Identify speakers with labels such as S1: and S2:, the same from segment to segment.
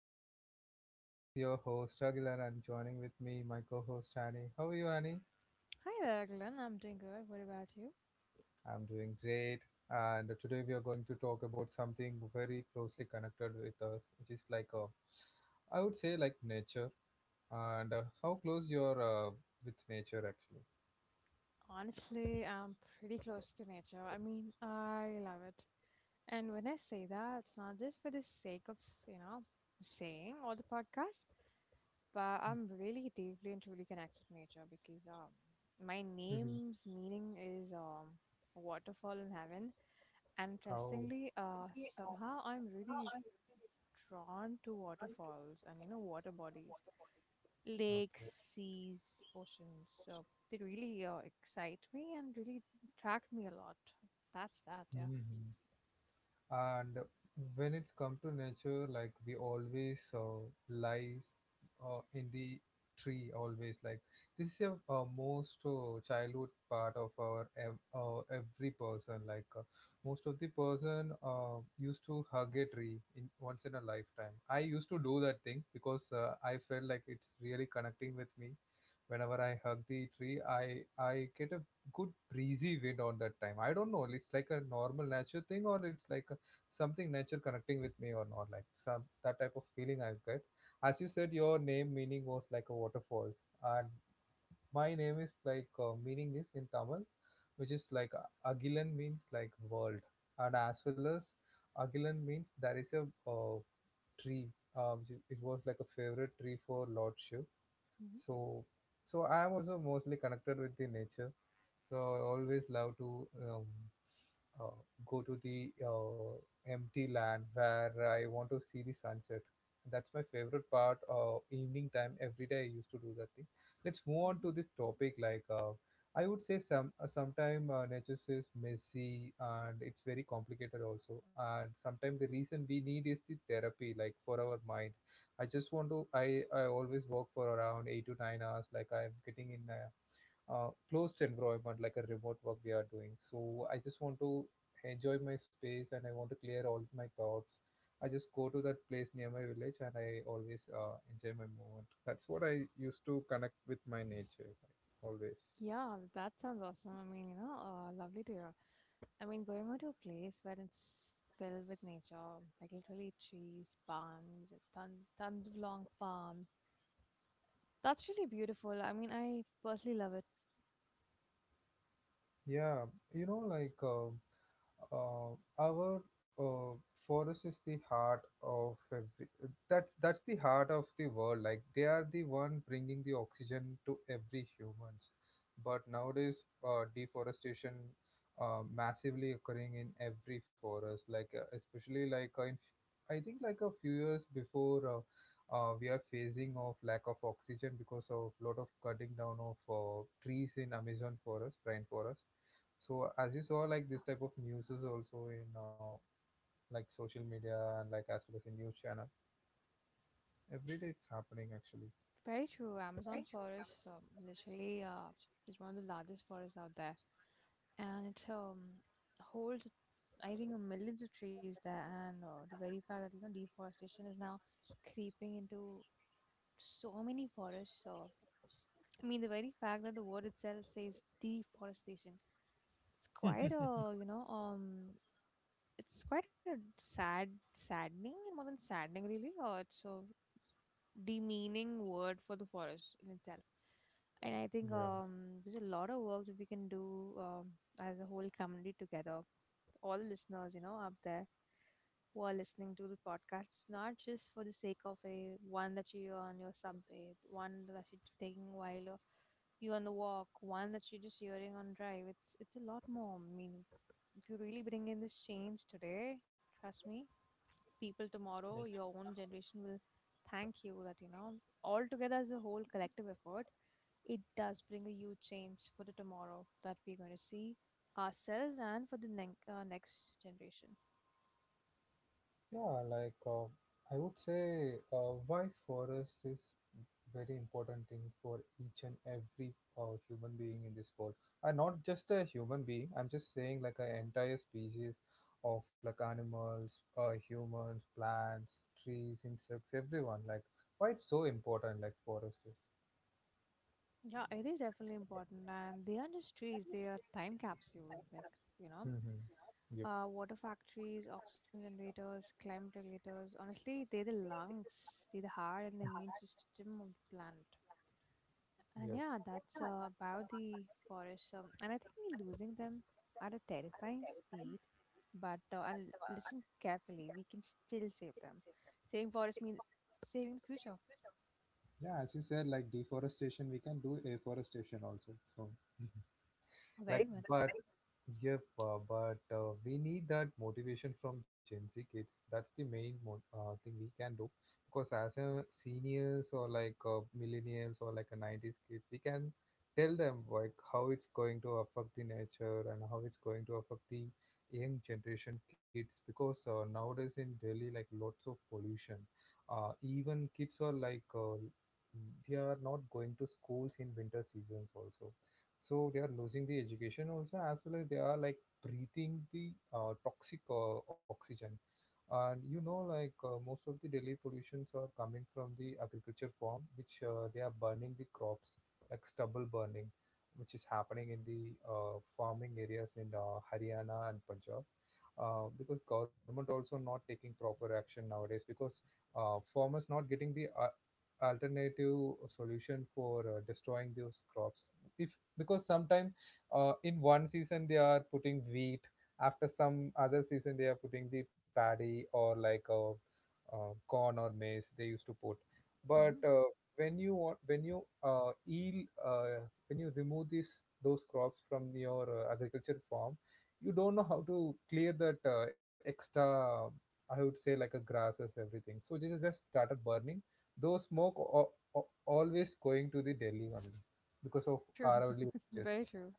S1: my podcast. This is your host Aguilar and joining with me my co-host Annie. How are you Annie?
S2: Hi there, Glenn. I'm doing good. What about you?
S1: I'm doing great and today we are going to talk about something very closely connected with us which is I would say like nature and how close you're with nature actually.
S2: Honestly, I'm pretty close to nature. I mean, I love it. And when I say that, it's not just for the sake of, you know, the saying or the podcast, but I'm really deeply and truly connected to nature because my
S1: Mhm.
S2: name's meaning is waterfall in heaven. And
S1: How?
S2: interestingly, somehow I'm really drawn to waterfalls and, you know, water bodies, lakes, seas, oceans. So they really excite me and really attract me a lot. That's that, yeah.
S1: Okay. And when it's come to nature, like we always lies in the tree, always like this is a, most childhood part of our every person. Most of the person used to hug a tree in once in a lifetime. I used to do that thing because I felt like it's really connecting with me. Whenever I hug the tree, I get a good breezy wind on that time. I don't know. It's like a normal nature thing, or it's like a something nature connecting with me or not, like some that type of feeling I get. As you said, your name meaning was like a waterfalls, and my name is meaning is in Tamil, which is Agilan means like world, and as well as Agilan means there is a uh, tree, it was like a favorite tree for Lord Shiv.
S2: Hmm.
S1: So so I am also mostly connected with the nature, so I always love to um uh, go to the empty land where I want to see the sunset. That's my favorite part. Evening time, every day I used to do that thing. Let's move on
S2: Hmm.
S1: to this topic. I would say, some sometime nature is messy and it's very complicated also. And sometimes the reason we need is the therapy, like for our mind. I just want to. I always work for around 8 to 9 hours. Like I'm getting in. Closed environment like a remote work we are doing. So I just want to enjoy my space and I want to clear all my thoughts. I just go to that place near my village and I always enjoy my moment. That's what I used to connect with my nature, like, always.
S2: Mm, yeah, that sounds awesome. I mean, you know, lovely to hear. I mean, going out to a place where it's filled with nature, like literally trees, palms, ton, tons of long palms. That's really beautiful. I mean, I personally love it.
S1: Yeah, you know, like. Uh, our uh, forest is the heart of every that's the heart of the world, like they are the one bringing the oxygen to every humans, but nowadays deforestation massively occurring in every forest, especially in, I think like a few years before, we are facing of lack of oxygen because of lot of cutting down of trees in Amazon forest rainforest. So as you saw, like
S2: Yeah,
S1: this type of news is also in like social media and like as well as in news channel. Every day it's happening actually.
S2: very true. Amazon forest, literally, is one of the largest forests out there, and it holds, I think millions of trees there. And the very fact that, you know, deforestation is now creeping into so many forests. So I mean, the very fact that the word itself says deforestation, it's quite a, you know, it's quite a saddening, and more than saddening really, or it's a demeaning word for the forest in itself. And I think,
S1: Yeah.
S2: there's a lot of work that we can do, as a whole community together, all the listeners, you know, up there who are listening to the podcast. It's not just for the sake of a one that you on your subway, one that you're taking while you on the walk, one that you're just hearing on drive. It's a lot more. I mean, if you really bring in this change today, trust me, people tomorrow,
S1: Like,
S2: your own generation will thank you that, you know, all together as a whole collective effort, it does bring a huge change for the tomorrow that we're going to see ourselves and for the next generation.
S1: yeah, like I would say why forest is very important thing for each and every human being in this world. And not just a human being, I'm just saying like an entire species of, like, animals, humans, plants, trees, insects, everyone. Like why it's so important, like forest is.
S2: Yeah, it is definitely important, and they are just trees. They are time capsules, like, you know,
S1: Mm-hmm. Yep.
S2: water factories, oxygen generators, climate regulators. Honestly, they're the lungs, they're the heart, and the immune system of the planet. And
S1: Yep.
S2: yeah, that's about the forest. And I think we're losing them at a terrifying speed. But and listen carefully, we can still save them. Saving forests means saving the future.
S1: Yeah, as you said, like deforestation, we can do afforestation also. So,
S2: Yeah, very
S1: like,
S2: much.
S1: but yeah, but we need that motivation from Gen Z kids. That's the main thing we can do. Because as a seniors or millennials or like a 90s kids, we can tell them like how it's going to affect the nature and how it's going to affect the young generation kids. Because nowadays in Delhi, like lots of pollution. Even kids are they are not going to schools in winter seasons also, so they are losing the education also as well as they are like breathing the toxic oxygen. And you know, most of the Delhi pollutions are coming from the agriculture farm, which they are burning the crops, like stubble burning, which is happening in the farming areas in Haryana and Punjab. Uh, because government also not taking proper action nowadays because farmers not getting the alternative solution for destroying those crops. If, because sometimes in one season they are putting wheat, after some other season they are putting the paddy or like a, corn or maize they used to put. But
S2: Hmm.
S1: when you when you remove these those crops from your agriculture farm, you don't know how to clear that extra, I would say like a grasses everything, so this is just started burning. Though smoke always going to the Delhi only because of
S2: True.
S1: our early watches.
S2: Very true.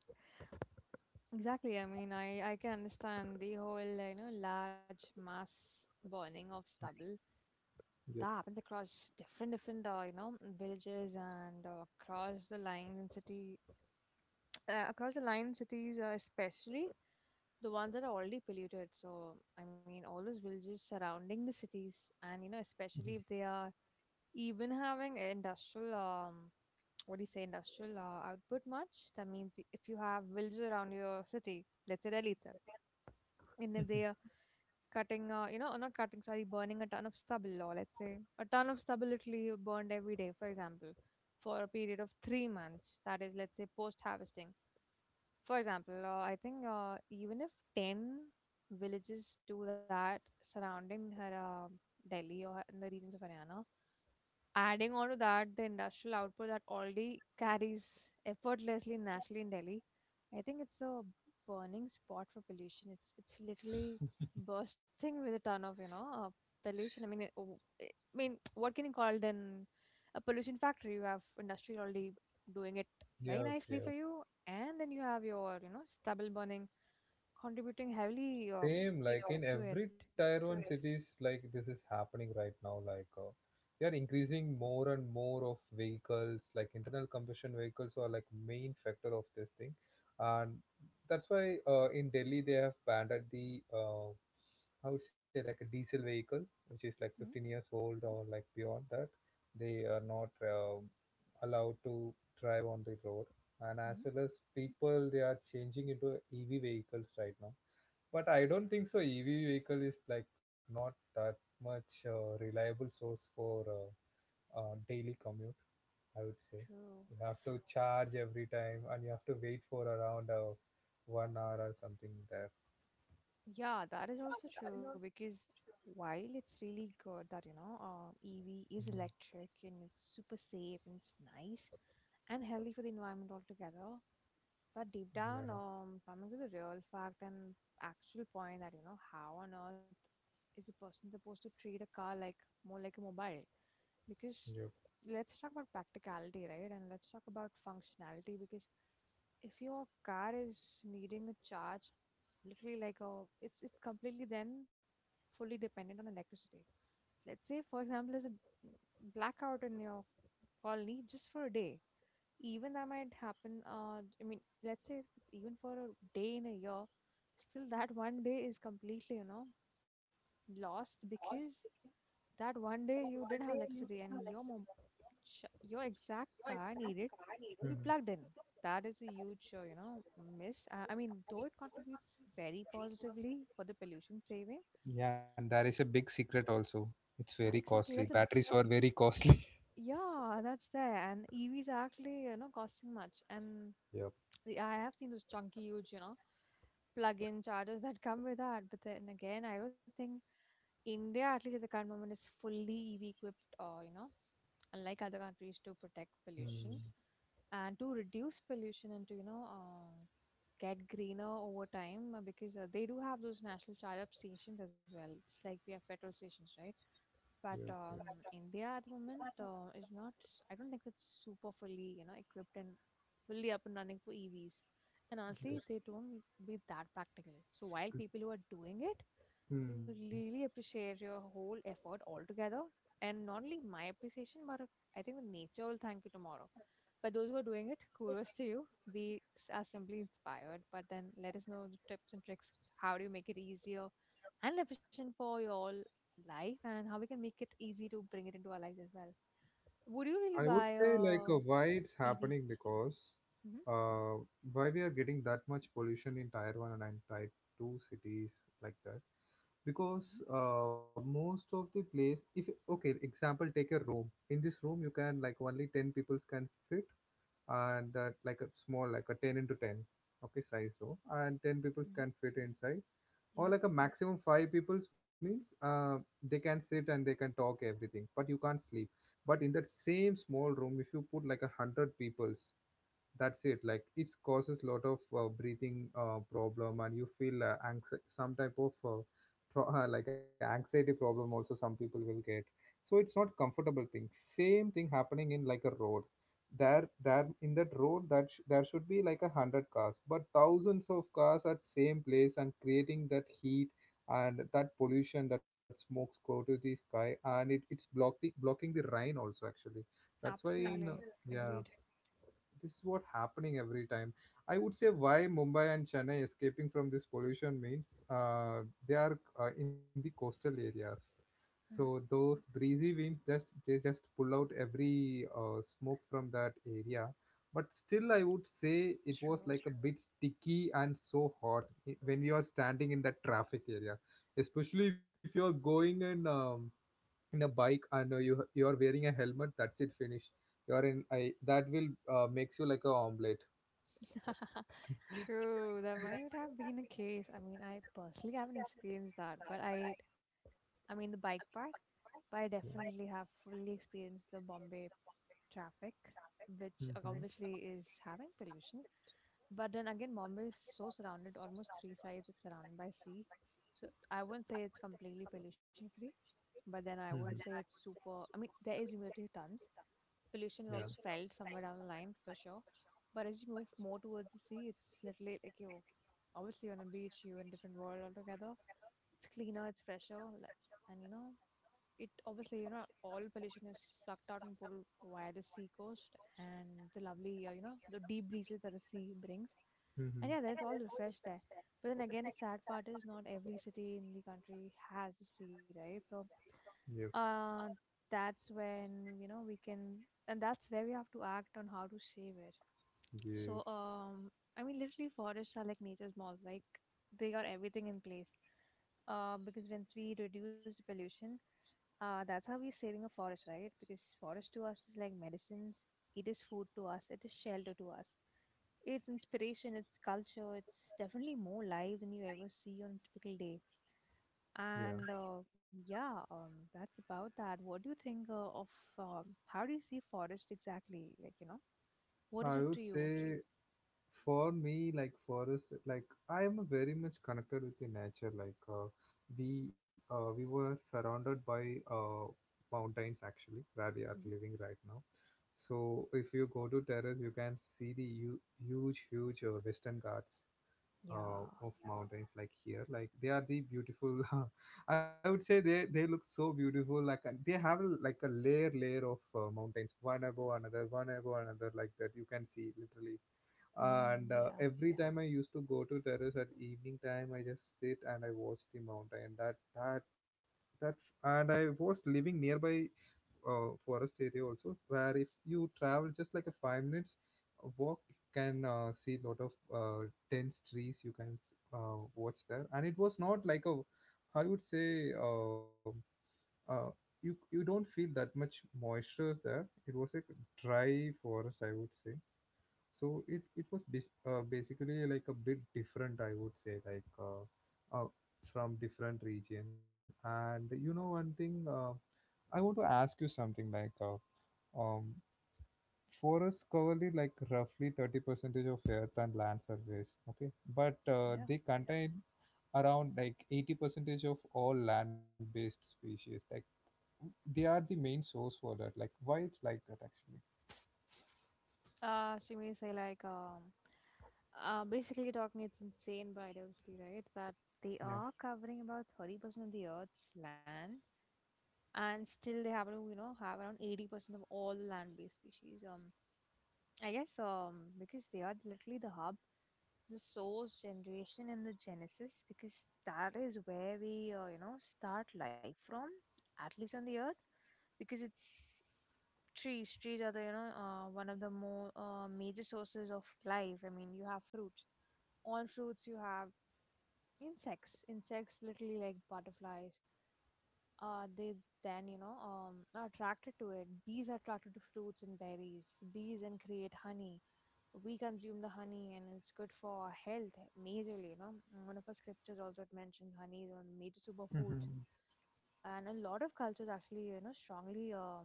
S2: Exactly. I mean, I can understand the whole you know, large mass burning of stubble that
S1: Yep.
S2: happens across different, you know, villages and across the lines and city, across the line cities, especially the ones that are already polluted. So I mean, all those villages surrounding the cities, and you know,
S1: Mhm.
S2: especially if they are even having industrial, what do you say, industrial output much. That means if you have villages around your city, let's say Delhi itself, and if they are cutting you know, not cutting, sorry, burning a ton of stubble, or let's say a ton of stubble literally burned every day, for example, for a period of 3 months, that is, let's say, post harvesting. For example, I think, even if 10 villages do that surrounding her, Delhi, or in the regions of Haryana. Adding on to that, the industrial output that already carries effortlessly naturally in Delhi, I think it's a burning spot for pollution. It's literally bursting with a ton of, you know, pollution. I mean, it, oh, I mean, what can you call then? A pollution factory? You have industry already doing it very
S1: Yep,
S2: nicely for
S1: yep.
S2: you, and then you have your, you know, stubble burning contributing heavily,
S1: Same, you like know, in
S2: to it.
S1: every tier one correct cities, like this is happening right now. They are increasing more and more of vehicles, like internal combustion vehicles are like main factor of this thing, and that's why in Delhi they have banned at the I would say like a diesel vehicle, which is like 15
S2: Mm-hmm.
S1: years old or like beyond that, they are not allowed to on the road. And
S2: Mm-hmm.
S1: as well as people they are changing into EV vehicles right now, but I don't think so EV vehicle is like not that much reliable source for daily commute, I would say.
S2: True.
S1: You have to charge every time and you have to wait for around 1 hour or something there.
S2: Yeah, that is also true because while it's really good that, you know, EV is
S1: Mm,
S2: electric and it's super safe and it's nice and healthy for the environment altogether, but deep down,
S1: yeah,
S2: coming to the real fact and actual point that, you know, how on earth is a person supposed to treat a car like more like a mobile? Because
S1: yep.
S2: let's talk about practicality, right? And let's talk about functionality, because if your car is needing a charge literally like a, it's completely then fully dependent on electricity. Let's say, for example, there's a blackout in your colony just for a day. Even that might happen. Uh, I mean, let's say if it's even for a day in a year, still that one day is completely, you know, lost because that one day you didn't have electricity and your your exact car needed to be
S1: Mhm.
S2: plugged in. That is a huge, you know, miss. I mean, though it contributes very positively for the pollution saving,
S1: Yeah, and there is a
S2: like,
S1: big secret also, it's very
S2: exactly. That's a,
S1: costly, batteries are very costly.
S2: yeah, that's there. And EVs are actually, you know, costing much. And
S1: Yep.
S2: the, I have seen those chunky, huge, you know, plug-in chargers that come with that. But then again, I don't think India, at least at the current moment, is fully EV equipped. Or you know, unlike other countries, to protect pollution
S1: Hmm.
S2: and to reduce pollution and to, you know, get greener over time, because they do have those national charge up stations as well. It's like we have petrol stations, right? But
S1: Yep, yep,
S2: India at the moment, is not. I don't think it's super fully, you know, equipped and fully up and running for EVs. And honestly,
S1: yep.
S2: they don't be that practical. So while people who are doing it,
S1: Hmm.
S2: really appreciate your whole effort altogether, and not only my appreciation, but I think the nature will thank you tomorrow. But those who are doing it, kudos to you. Are simply inspired. But then let us know the tips and tricks. How do you make it easier and efficient for you all life, and how we can make it easy to bring it into our lives as well. Would you really
S1: I would
S2: buy
S1: say
S2: a
S1: why it's
S2: EV?
S1: happening, because
S2: Hmm.
S1: uh, why we are getting that much pollution in tier one and in tier two cities, like that,
S2: Hmm.
S1: because most of the place if, okay, example, take a room, in this room you can like only 10 peoples can fit, and that like a small like a 10 into 10, okay, size room and 10 peoples
S2: Hmm.
S1: can fit inside, or
S2: Yeah.
S1: like a maximum five people's means, they can sit and they can talk everything, but you can't sleep. But in that same small room, if you put like 100 people's, that's it, like it causes lot of breathing problem, and you feel some type of like anxiety problem also, some people will get. So it's not comfortable thing. Same thing happening in like a road. There in that road, there should be like 100 cars, but thousands of cars at same place and creating that heat and that pollution. That smokes go to the sky and it's blocking the rain also actually. That's why in,
S2: Absolutely.
S1: yeah,
S2: Agreed.
S1: this is what happening every time. I would say why Mumbai and Chennai escaping from this pollution means they are in the coastal areas, so
S2: Uh-huh.
S1: those breezy winds just they just pull out every smoke from that area. But still, I would say it was
S2: True.
S1: like a bit sticky and so hot when you are standing in that traffic area, especially if you are going in a bike and you are wearing a helmet, that's it, finish. You are in I, that will makes you like a omelette.
S2: True, that might have been a case. I mean, I personally haven't experienced that, but I mean, the bike part, but I
S1: Yeah.
S2: definitely have fully experienced the Bombay traffic, which
S1: Hmm, hmm,
S2: obviously
S1: yeah.
S2: is having pollution. But then again, Mumbai is so surrounded, almost 3 sides it's surrounded by sea. So I wouldn't say it's completely pollution free, but then I wouldn't say it's super. I mean, there is humidity tons. Pollution is also felt somewhere down the line for sure. But as you move more towards the sea, it's literally like you, obviously on a beach, you're in a different world altogether. It's cleaner, it's fresher, and you know, it obviously, you know, all pollution is sucked out and pulled via the sea coast, and the lovely, you know, the deep breezes that the sea brings. And yeah,
S1: Hmm.
S2: that's all refreshed there. But then again, the sad part is not every city in the country has the sea, right? So,
S1: Yep.
S2: uh, that's when, you know, we can, and that's where we have to act on how to save it. So,
S1: Yes.
S2: I mean, literally, forests are like nature's malls. Like, they got everything in place. Because once we reduce the pollution, that's how we're saving a forest, right? Because forest to us is like medicines. It is food to us. It is shelter to us. It's inspiration. It's culture. It's definitely more life than you ever see on a typical day.
S1: Yeah.
S2: And yeah, that's about that. What do you think of, how do you see forest exactly? Like, you know, what
S1: I
S2: is it
S1: would
S2: to you?
S1: say for me like forest like I am very much connected with the nature like we were surrounded by uh, mountains actually where we are
S2: Mhm.
S1: living right now. So if you go to terrace you can see the huge Western Ghats
S2: Yeah.
S1: of mountains, like here like they are the beautiful. I would say they look so beautiful like they have a, like a layer of mountains, one above another, one above another, like that you can see literally. And
S2: Mm,
S1: every time I used to go to terrace at evening time I just sit and I watch the mountain, that. And I was living nearby forest area also, where if you travel just like a 5 minutes walk you can see lot of dense trees you can watch there, and it was not like a, I would say uh, you don't feel that much moisture there, it was a dry forest, I would say. So it was basically like a bit different, I would say, like uh, from different region. And you know one thing, I want to ask you something, like um forests cover the, like roughly 30 percentage of earth and land surface, okay, but
S2: yeah.
S1: they contain around like 80 percentage of all land based species, like they are the main source for that, like why it's like that actually?
S2: She may say like, basically talking, it's insane biodiversity, right? That they
S1: Yeah.
S2: are covering about 30% of the Earth's land, and still they happen to, you know, have around 80% of all land-based species. I guess because they are literally the hub, the source, generation, and the genesis. Because that is where we start life from, at least on the Earth because it's trees are the one of the more major sources of life. I mean, you have fruits on fruits, you have insects literally like butterflies they then you know are attracted to it. Bees are attracted to fruits and berries, bees and create honey. We consume the honey and it's good for our health majorly, you know. One of our scriptures also, it mentions honey is one of the major
S1: Hmm.
S2: superfoods. And a lot of cultures actually, you know, strongly um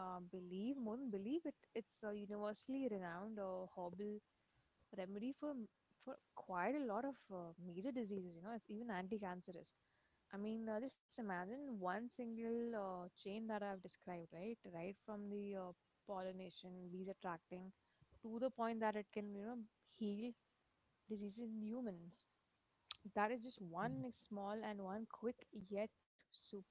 S2: uh, believe, more than believe it, it's a universally renowned herbal remedy for for quite a lot of major diseases, you know. It's even anti-cancerous. I mean, just imagine one single chain that I've described, right, right from the pollination, bees attracting, to the point that it can, you know, heal diseases in humans. That is just one small and one quick yet super,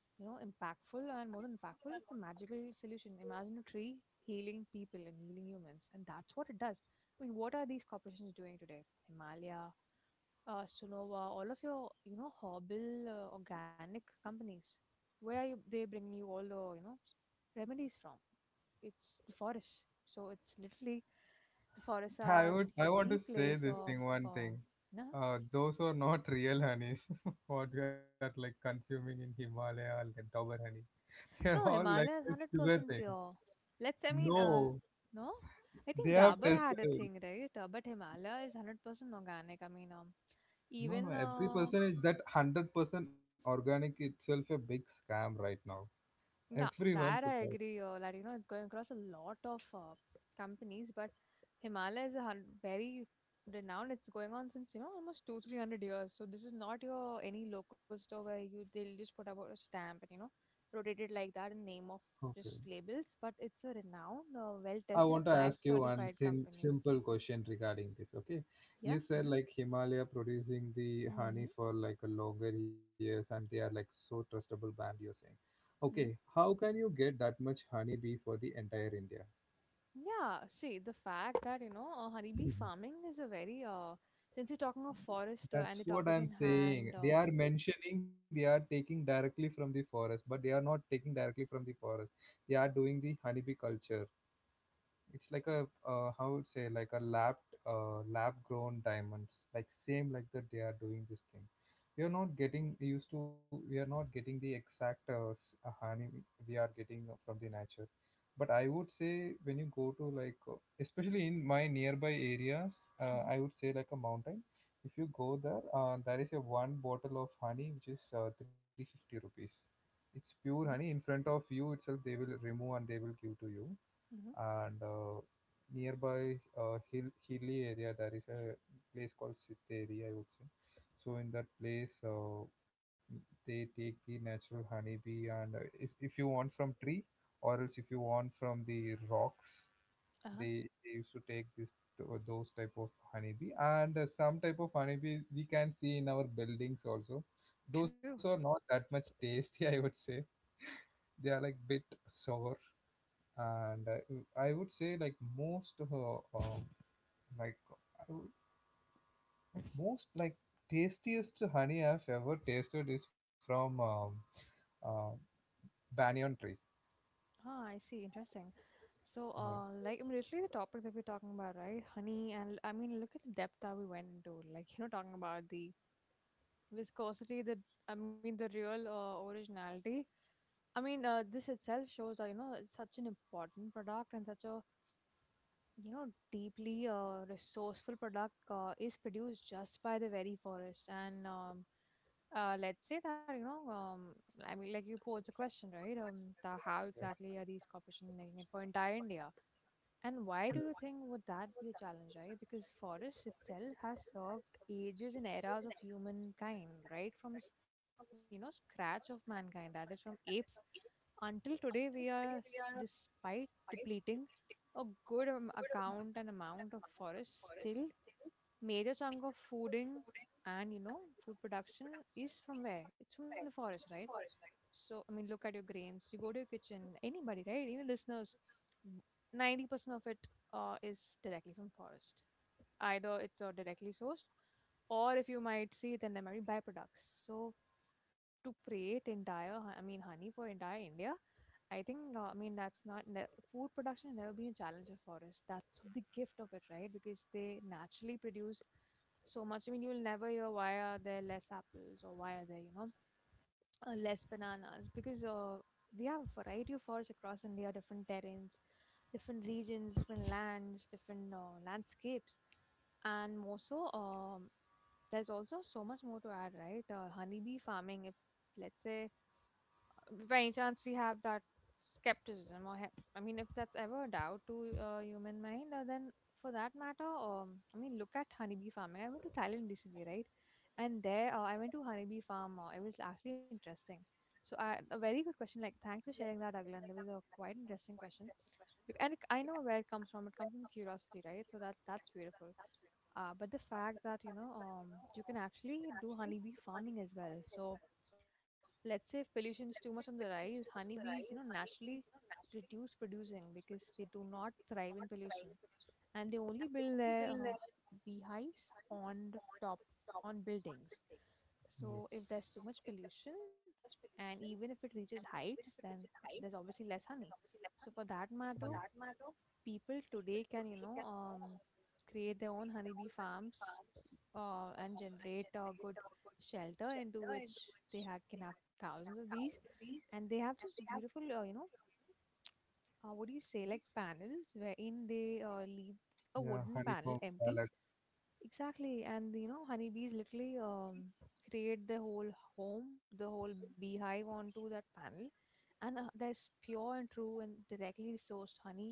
S2: you know, impactful, and more than impactful, it's a magical solution. Imagine a tree healing people and healing humans, and that's what it does. I mean, what are these corporations doing today? Himalaya, Sonova, all of your, you know, herbal, organic companies. Where are you, they bring you all the, you know, remedies from? It's the forest. So it's literally, the forests are
S1: I want
S2: the
S1: to say
S2: place
S1: this
S2: of
S1: thing one
S2: um,
S1: thing.
S2: nah.
S1: Those are not real honeys. What we are like consuming in Himalaya or the Dauber honey. They're
S2: No,
S1: all like
S2: Himalaya is
S1: the sugar
S2: 100%
S1: things.
S2: pure. Let's, I mean,
S1: No,
S2: no? I
S1: they
S2: think
S1: have
S2: Dabur
S1: tested
S2: had a
S1: it.
S2: thing, right? But Himalaya is 100% organic. I mean,
S1: No, no.
S2: even
S1: Every person is that 100% organic itself a big scam right now.
S2: no,
S1: Everyone
S2: that
S1: puts
S2: I
S1: out.
S2: agree. That, you know, it's going across a lot of companies, but Himalaya is a very renowned. It's going on since, you know, almost two–three hundred years. So this is not your any local store where you, they'll just put about a stamp and, you know, rotate it like that in name of
S1: Okay.
S2: just labels. But it's a renowned, well
S1: I
S2: tested,
S1: want
S2: and
S1: to ask
S2: ISO
S1: you one
S2: certified company.
S1: simple question regarding this. Okay,
S2: Yeah.
S1: you said like Himalaya producing the
S2: Mm-hmm.
S1: honey
S2: Mm-hmm.
S1: for like a longer years, and they are like so trustable brand, you're saying, okay, how can you get that much honey bee for the entire India?
S2: Yeah, see, the fact that, you know, honeybee farming is a very, since you're talking of forest and
S1: That's
S2: the
S1: what
S2: topic
S1: I'm
S2: in
S1: saying.
S2: hand,
S1: They are mentioning they are taking directly from the forest, but they are not taking directly from the forest. They are doing the honeybee culture. It's like a, how would say like a lab grown diamonds, like same like that they are doing this thing. We are not getting used to. We are not getting the exact honey we are getting from the nature. But I would say when you go to like especially in my nearby areas,
S2: hmm.
S1: I would say like a mountain. If you go there, there is a one bottle of honey which is 350 rupees. It's pure honey,
S2: Hmm.
S1: in front of you itself they will remove and they will give to you.
S2: Hmm.
S1: And nearby hilly area there is a place called Sitteri, I would say. So in that place, they take the natural honeybee, and if you want from tree, or else if you want from the rocks,
S2: Uh-huh.
S1: they used to take those type of honeybee, and some type of honeybee we can see in our buildings also.
S2: True.
S1: Those are not that much tasty, I would say. They are like bit sour, and I would say like most of um, like I would, like most like tastiest honey I've ever tasted is from uh, banyan tree.
S2: Ah, I see. Interesting. So,
S1: Yeah,
S2: like, I mean, literally the topic that we're talking about, right? Honey. And I mean, look at the depth that we went into. Like, you know, talking about the viscosity, the, I mean, the real originality. I mean, this itself shows that, you know, it's such an important product and such a, you know, deeply resourceful product is produced just by the very forest. And let's say that, you know, I mean, like you posed a question, right? Um, the, how
S1: yeah.
S2: exactly are these corporations making it for entire India, and why do you think would that be a challenge, right? Because forest itself has served ages and eras of humankind, right? From you know, scratch of mankind, that is from apes until today. We are, despite depleting a good account and amount of forest, still major chunk of fooding and, you know, food production is from where? It's from the forest, right? So I mean, look at your grains. You go to your kitchen. Anybody, right? Even listeners, 90% of it is directly from forest. Either it's directly sourced, or if you might see, then there might be byproducts. So to create entire, I mean, honey for entire India, I think I mean, that's not food production has never been a challenge for us. That's the gift of it, right? Because they naturally produce so much. I mean, you'll never hear why are there less apples or why are there, you know, less bananas because we have variety of forests across India, different terrains, different regions, different lands, different landscapes, and more so. There's also so much more to add, right? Honeybee farming. If, let's say, by any chance we have that skepticism, or I mean, if that's ever a doubt to human mind then for that matter I mean, look at honeybee farming. I went to Thailand recently, right? And there I went to honeybee farm it was actually interesting. So I, a very good question, like, thanks for sharing that, Aglan. There was a quite interesting question. And I know where it comes from. It comes from curiosity, right? So that, that's beautiful. Uh, but the fact that, you know, you can actually do honeybee farming as well. So let's say if pollution is too much on the rise, honeybees, you know, naturally reduce producing because they do not thrive in pollution, and they only build their beehives on the top, on buildings.
S1: Mm.
S2: So if there's too much pollution,
S1: Yes.
S2: and even if it reaches heights, then there's obviously less honey. So for that
S1: Yeah.
S2: matter, people today can, you know, create their own honeybee farms and generate a good shelter into which can have thousands of bees. And they have this beautiful you know, what do you say, like panels wherein they leave a
S1: Yeah,
S2: wooden panel
S1: honeycomb
S2: empty.
S1: salad.
S2: Exactly, and you know, honeybees literally create the whole home, the whole beehive onto that panel. And there's pure and true and directly sourced honey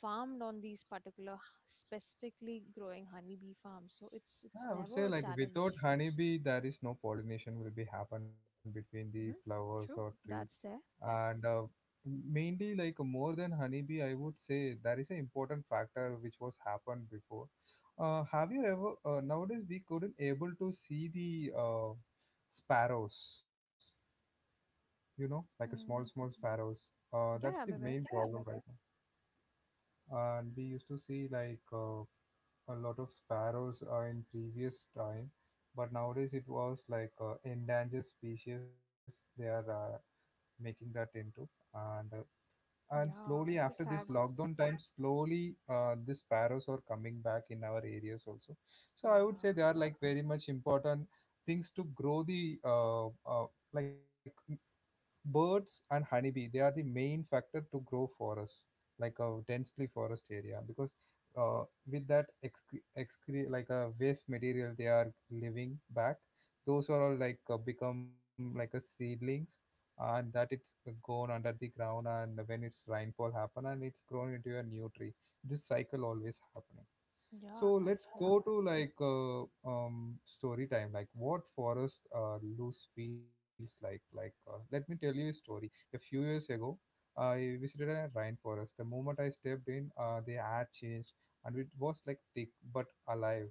S2: farmed on these particular specifically growing honeybee farms. So it's
S1: Yeah, I would say
S2: never a
S1: like without
S2: challenge.
S1: honeybee, there is no pollination will be happen between the
S2: Hmm.
S1: flowers or
S2: True.
S1: tree.
S2: That's there.
S1: And mainly like more than honeybee, I would say there is an important factor which was happened before. Have you ever nowadays we couldn't able to see the sparrows, you know, like a small
S2: Mm.
S1: small sparrows. That's the
S2: Yeah, I'm
S1: main
S2: aware.
S1: problem right now. And we used to see like a lot of sparrows in previous time, but nowadays it was like endangered species they are making that into. And and slowly
S2: Yeah, it's
S1: after
S2: so
S1: this
S2: sad.
S1: lockdown time slowly, the sparrows are coming back in our areas also. So I would say
S2: Yeah,
S1: they are like very much important things to grow the, like birds and honeybee, they are the main factor to grow forests like a densely forest area, because uh, with that like a waste material they are living back, those are all like become like a seedlings, and that it's gone under the ground, and when it's rainfall happen, and it's grown into a new tree, this cycle always happening. So
S2: yeah, that's
S1: let's
S2: the
S1: go to like story time. Like what forest loose feels like. Like let me tell you a story. A few years ago, I visited a rainforest. The moment I stepped in, the air changed, and it was like thick but alive.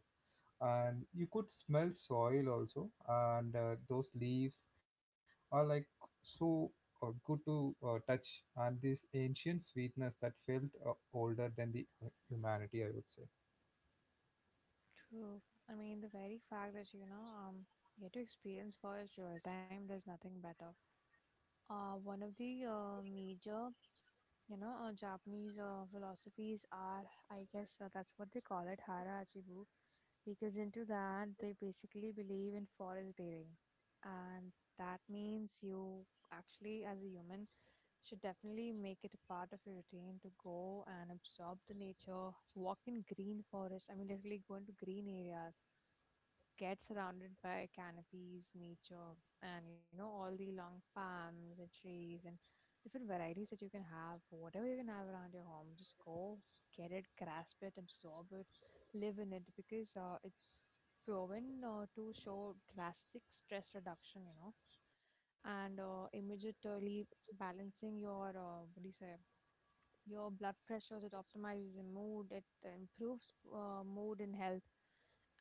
S1: And you could smell soil also, and those leaves are like so good to touch, and this ancient sweetness that felt older than the humanity, I would say.
S2: true. I mean, the very fact that, you know, um, you had to experience first real time, there's nothing better. One of the major, you know, Japanese philosophies are, I guess that's what they call it, Harajuku, because into that they basically believe in forest bathing. And that means you actually, as a human, should definitely make it a part of your routine to go and absorb the nature, walk in green forest. I mean, literally go into green areas, get surrounded by canopies, nature, and you know, all the long palms and trees and different varieties that you can have, whatever you can have around your home, just go get it, grasp it, absorb it, live in it because it's proven to show drastic stress reduction, you know, and immediately balancing your, what do you say, your blood pressures, it optimizes your mood, it improves mood and health.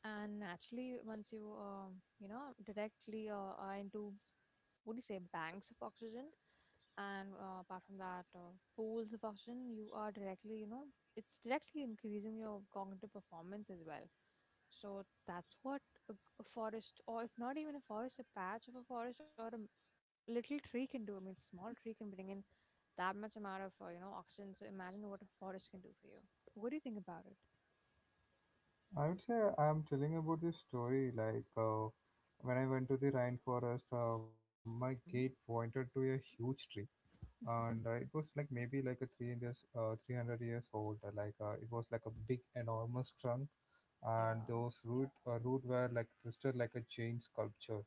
S2: And naturally, once you, you know, directly are into, what do you say, banks of oxygen, and apart from that, pools of oxygen, you are directly, you know, it's directly increasing your cognitive performance as well. So that's what a, a forest, or if not even a forest, a patch of a forest or a little tree can do. I mean, small tree can bring in that much amount of you know, oxygen. So imagine what a forest can do for you. What do you think about it?
S1: I would say I'm telling about this story. Like when I went to the rainforest, my gate
S2: Hmm.
S1: pointed to a huge tree, and it was like maybe like a 300 years old. Like it was like a big, enormous trunk, and
S2: Yeah.
S1: those root were like twisted like a giant sculpture.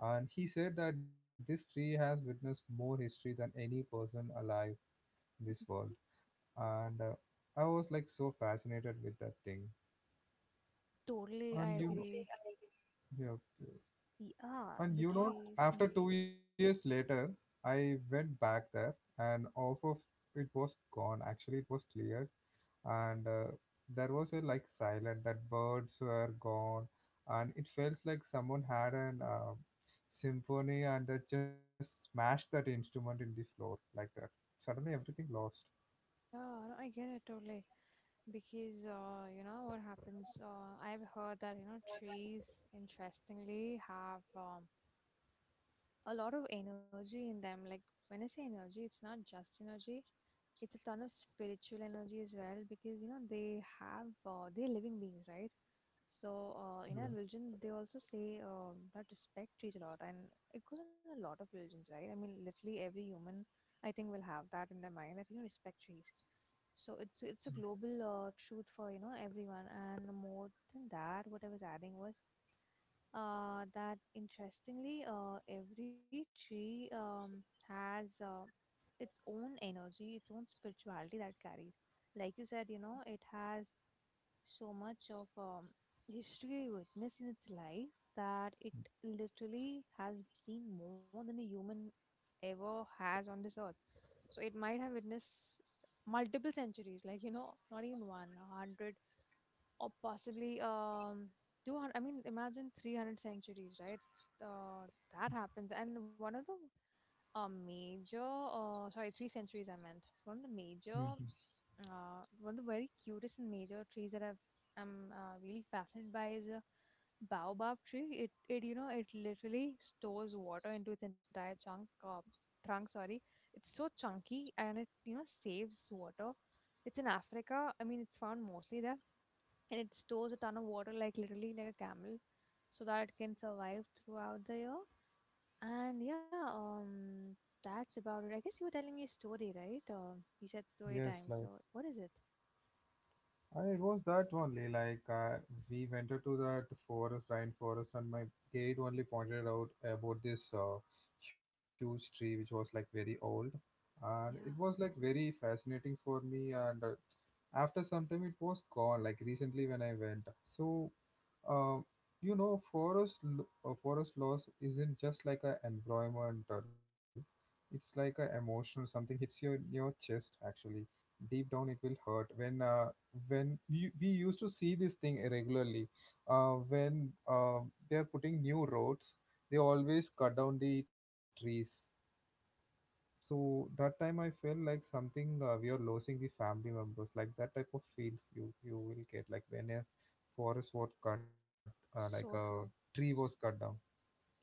S1: And he said that this tree has witnessed more history than any person alive in this world. And I was like so fascinated with that thing.
S2: Totally, I
S1: And you know,
S2: agree.
S1: yeah. Okay.
S2: Yeah,
S1: And you know,
S2: because
S1: after
S2: hmm,
S1: 2 years later, I went back there, and off of it was gone. Actually, it was cleared, and there was a like silent that birds were gone, and it felt like someone had an symphony and they just smashed that instrument in the floor like that. Suddenly, everything lost.
S2: yeah, no, I get it totally. Because you know what happens? I've heard that, you know, trees, interestingly, have a lot of energy in them. Like, when I say energy, it's not just energy. It's a ton of spiritual energy as well, because you know, they have they're living beings, right? So in our
S1: Yeah.
S2: religion they also say um, that respect trees a lot, and it goes in a lot of religions, right? I mean, literally every human, I think, will have that in their mind that, you know, respect trees. So it's a global truth for, you know, everyone. And more than that, what I was adding was that interestingly, every tree has its own energy, its own spirituality that carries. Like you said, you know, it has so much of history witnessed in its life that it literally has seen more than a human ever has on this earth. So it might have witnessed multiple centuries, like, you know, not even one, a hundred or possibly um, 200. I mean, imagine 300 centuries, right? Uh, that happens. And one of the major, uh, sorry, three centuries, I meant. One of the major
S1: Hmm.
S2: uh, one of the very cutest and major trees that I'm really fascinated by is a baobab tree. It, you know, it literally stores water into its entire chunk trunk, sorry. It's so chunky, and it, you know, saves water. It's in Africa, I mean, it's found mostly there. And it stores a ton of water, like, literally like a camel, so that it can survive throughout the year. And yeah, um, that's about it, I guess. You were telling me a story, right? Um, you said story
S1: Yes,
S2: time,
S1: like.
S2: so what is it?
S1: And it was that only. Like we went to that forest, rainforest, and my guide only pointed out about this huge tree which was like very old, and it
S2: Yeah.
S1: was like very fascinating for me. And after some time, it was gone. Like recently when I went, so uh, you know, forest loss isn't just like a environmental; it's like a emotional. Something hits you in your chest. Actually, deep down, it will hurt. When we used to see this thing regularly, when they are putting new roads, they always cut down the trees. So that time I felt like something, we are losing the family members, like that type of feels you will get, like when a forest was cut, like a
S2: So
S1: tree
S2: true.
S1: was cut down.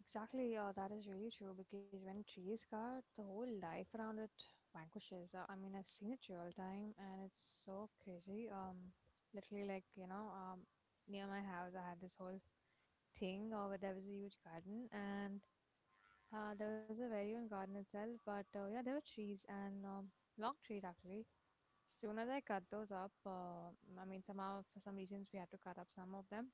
S2: Exactly, yeah, that is really true. Because when trees cut, the whole life around it vanquishes. I mean, I've seen it real time, and it's so crazy. Um, literally, like, you know, um, near my house I had this whole thing where there was a huge garden. And uh, there was a very own garden itself, but yeah, there were trees and long trees actually. Soon as I cut those up, I mean, somehow for some reasons we had to cut up some of them.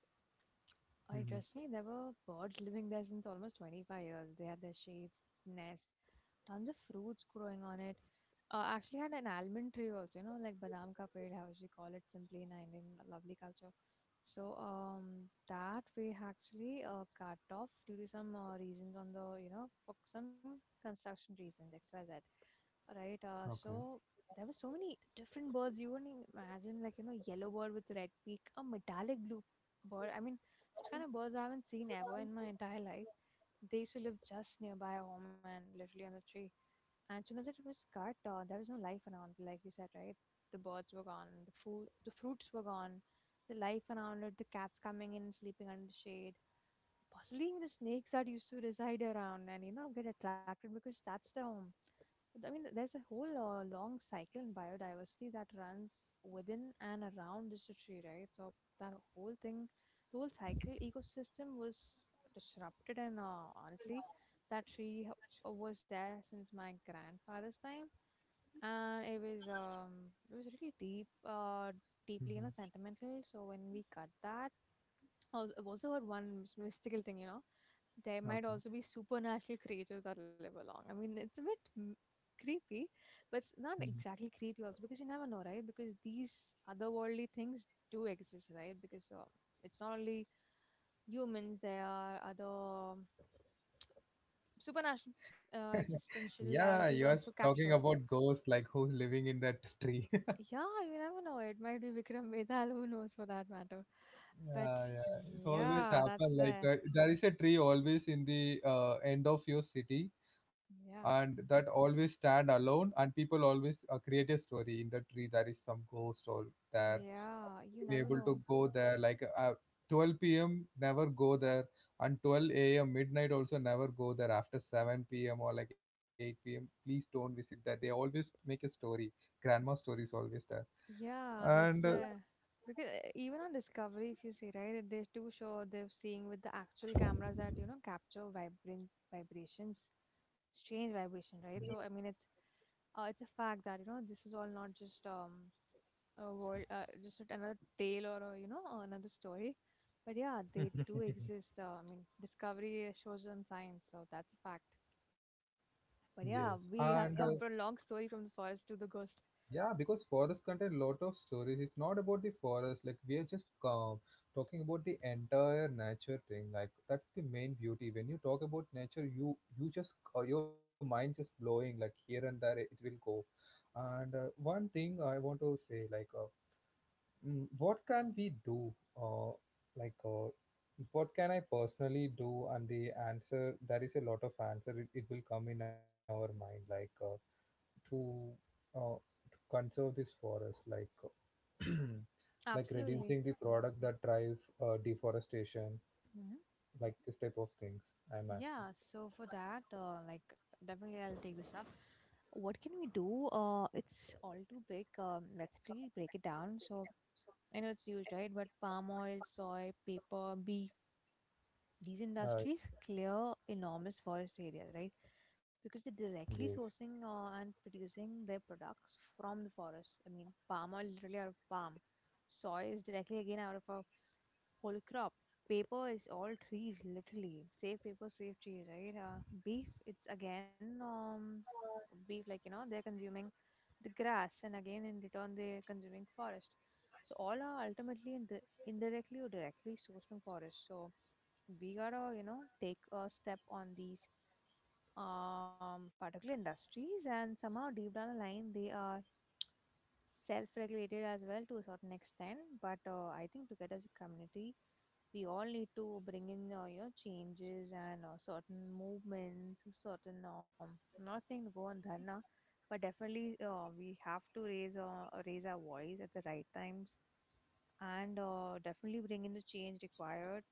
S1: Hmm.
S2: Interestingly, there were birds living there since almost 25 years. They had their shades, nests, tons of fruits growing on it. Actually had an almond tree also, you know, like badam ka ped, how we call it simply in Indian lovely culture. That we actually cut off due to some reasons on for some construction reasons, XYZ, right? Uh,
S1: Okay.
S2: so there were so many different birds. You wouldn't imagine, like, you know, yellow bird with red beak, a metallic blue bird. I mean, such kind of birds I haven't seen ever in my entire life. They used to live just nearby home and literally on the tree. And soon as it was cut, there was no life around, like you said, right? The birds were gone, the food, the fruits were gone, the life around it, the cats coming in, and sleeping under the shade, possibly even the snakes that used to reside around and you know get attracted because that's their home. I mean, there's a whole long cycle in biodiversity that runs within and around this tree, right? So that whole thing, the whole cycle ecosystem was disrupted, and honestly, that was there since my grandfather's time, and it was it was really deep, deeply you know
S1: Hmm.
S2: sentimental. So when we cut that, I've also heard one mystical thing, you know, there might also be
S1: Okay.
S2: supernatural creatures that live along. I mean, it's a bit creepy, but it's not exactly
S1: Hmm.
S2: creepy also because you never know, right? Because these otherworldly things do exist, right? Because it's not only humans, there are other supernatural existentialities
S1: Yeah,
S2: also
S1: you're
S2: captured.
S1: talking about ghost, like who's living in that tree.
S2: Yeah, you never know. It might be Vikram Vedal, who knows for that matter. But
S1: Yeah, yeah. It always
S2: yeah, that's
S1: happen. Like
S2: there.
S1: there is a tree always in the end of your city,
S2: Yeah.
S1: and that always stand alone. And people always create a story in the tree. There is some ghost all there.
S2: Yeah, you
S1: Be
S2: never
S1: able
S2: know.
S1: to go there. Like 12 p.m. never go there, and 12 a.m. midnight also never go there after 7 p.m. or like 8 p.m. Please don't visit that. They always make a story. Grandma story is always there,
S2: Yeah,
S1: and
S2: that's the because even on Discovery, if you see, right, they do show they're seeing with the actual cameras that you know capture vibrant vibrations, strange vibration, right? So I mean, it's a fact that you know this is all not just a world, just not another tale or a, you know, another story, but yeah, they do exist. I mean, Discovery shows on science, so that's a fact. But
S1: yes,
S2: yeah,
S1: and
S2: we have come for a long story from the forest to the ghost.
S1: yeah, because forest contain lot of stories. It's not about the forest, like we are just talking about the entire nature thing. Like that's the main beauty. When you talk about nature, you just your mind just blowing like here and there. It will go. And one thing I want to say, like, what can we do? Uh, like, what can I personally do? And the answer, there is a lot of answer. It will come in our mind, like to uh, conserve this forest, like like
S2: Absolutely.
S1: reducing the product that drive deforestation,
S2: Hmm.
S1: like this type of things. I'm asking.
S2: Yeah, so for that, like definitely I'll take this up. What can we do? It's all too big. Let's really break it down. So I know it's used, right? But palm oil, soy, paper, beef, these
S1: Uh,
S2: industries clear enormous forest areas, right? Because they're
S1: yes.
S2: directly sourcing and producing their products from the forest. I mean, palm oil literally out of palm, soy is directly again out of a whole crop. Paper is all trees, literally. Save paper, save tree, right? Beef, it's again beef, like you know, they're consuming the grass, and again in return they're consuming forest. So all are ultimately indirectly or directly sourced from forest. So we gotta you know take a step on these particular industries and somehow deep down the line they are self-regulated as well to a certain extent, but I think together as a community we all need to bring in you know changes and certain movements, certain um, I'm not saying to go on dharna, but definitely we have to raise our voice at the right times and definitely bring in the change required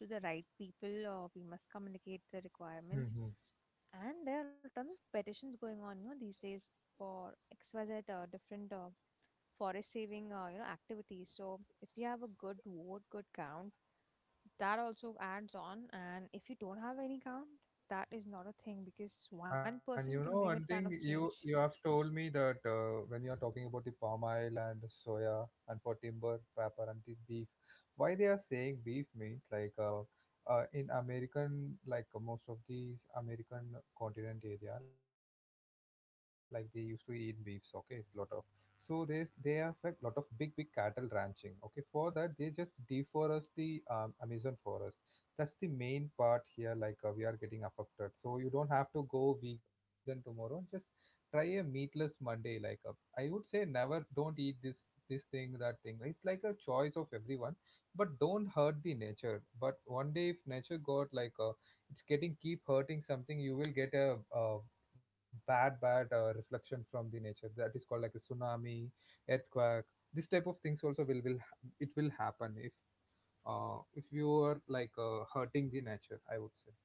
S2: to the right people. We must communicate the requirements,
S1: Mm-hmm.
S2: and there are tons of petitions going on, you know, these days for XYZ different forest saving, you know, activities. So if you have a good vote, good count, that also adds on. And if you don't have any count, that is not a thing because one
S1: And you know
S2: person can
S1: one
S2: bring a
S1: thing,
S2: ton of
S1: you
S2: change.
S1: have told me that when you are talking about the palm oil and the soya and for timber, pepper and the beef, why they are saying beef means, like in American like most of these American continent area like they used to eat beefs, okay, lot of, so they have a lot of big big cattle ranching, okay, for that they just deforest the Amazon forest. That's the main part here, like we are getting affected. So you don't have to go vegan tomorrow, just try a meatless Monday. Like I would say never, don't eat this thing that thing, it's like a choice of everyone, but don't hurt the nature. But one day if nature got like it's getting keep hurting something, you will get a, bad bad reflection from the nature, that is called like a tsunami, earthquake, this type of things also it will happen if you are like hurting the nature, I would say.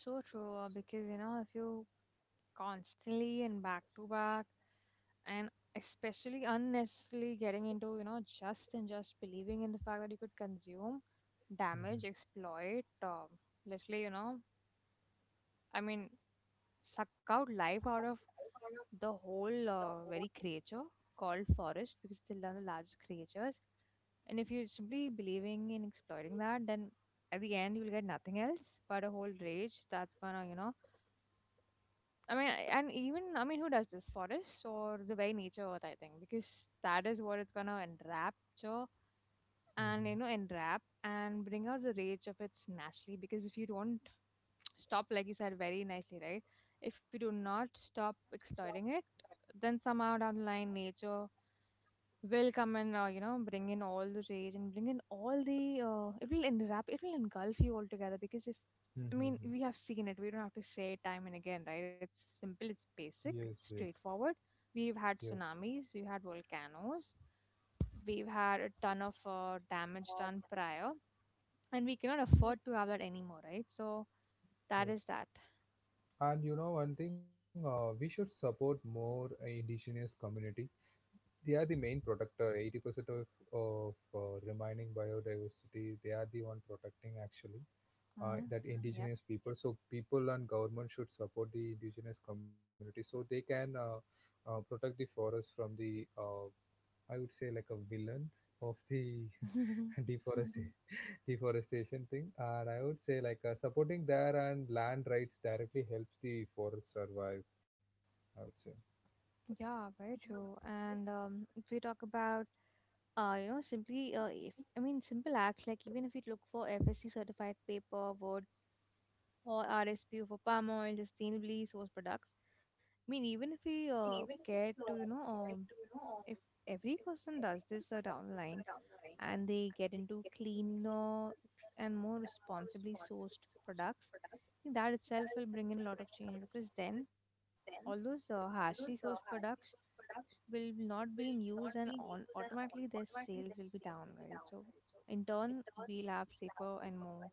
S2: So true, because you know, if you constantly and back to back and especially unnecessarily getting into you know just and just believing in the fact that you could consume,
S1: Mm-hmm.
S2: damage, exploit literally you know, I mean, suck out life out of the whole very creature called forest, because it's one of the largest creatures. And if you're simply believing in exploiting that, then at the end you'll get nothing else but a whole rage that's gonna you know, I mean, and even I mean, who does this? Forests or the very nature earth? I think because that is what it's gonna enrapture and you know enwrap and bring out the rage of its naturally. Because if you don't stop, like you said very nicely, right? If you do not stop exploiting it, then somehow down the line, nature will come and you know bring in all the rage and bring in all the it will enwrap, it will engulf you altogether. Because if, I
S1: Mm-hmm.
S2: mean, we have
S1: Mm-hmm.
S2: seen it, we don't have to say it time and again, right? It's simple, it's basic,
S1: Yes,
S2: it's
S1: yes.
S2: straightforward. We've had
S1: Yep,
S2: tsunamis, we've had volcanoes, we've had a ton of damage done prior, and we cannot afford to have that anymore, right? So that
S1: yep.
S2: is that.
S1: And you know one thing, we should support more indigenous community. They are the main protector. 80% of remaining biodiversity, they are the one protecting actually,
S2: Mm.
S1: that
S2: Yep.
S1: indigenous people. So people and government should support the indigenous community so they can protect the forest from the, I would say like a villains of the deforestation, deforestation thing, and I would say like supporting there and land rights directly helps the forest survive, I would say.
S2: yeah, very true. And if we talk about you know simply, if, I mean, simple acts like, even if you look for FSC certified paper wood or RSPO for palm oil, sustainably sourced products, I mean, even if we care to you know if every person does this down the line and they get into cleaner and more responsibly sourced products, I think that itself will bring in a lot of change, because then all those harshly sourced products will not be in use, and on automatically their sales will be down, right? So in turn, we'll have safer and more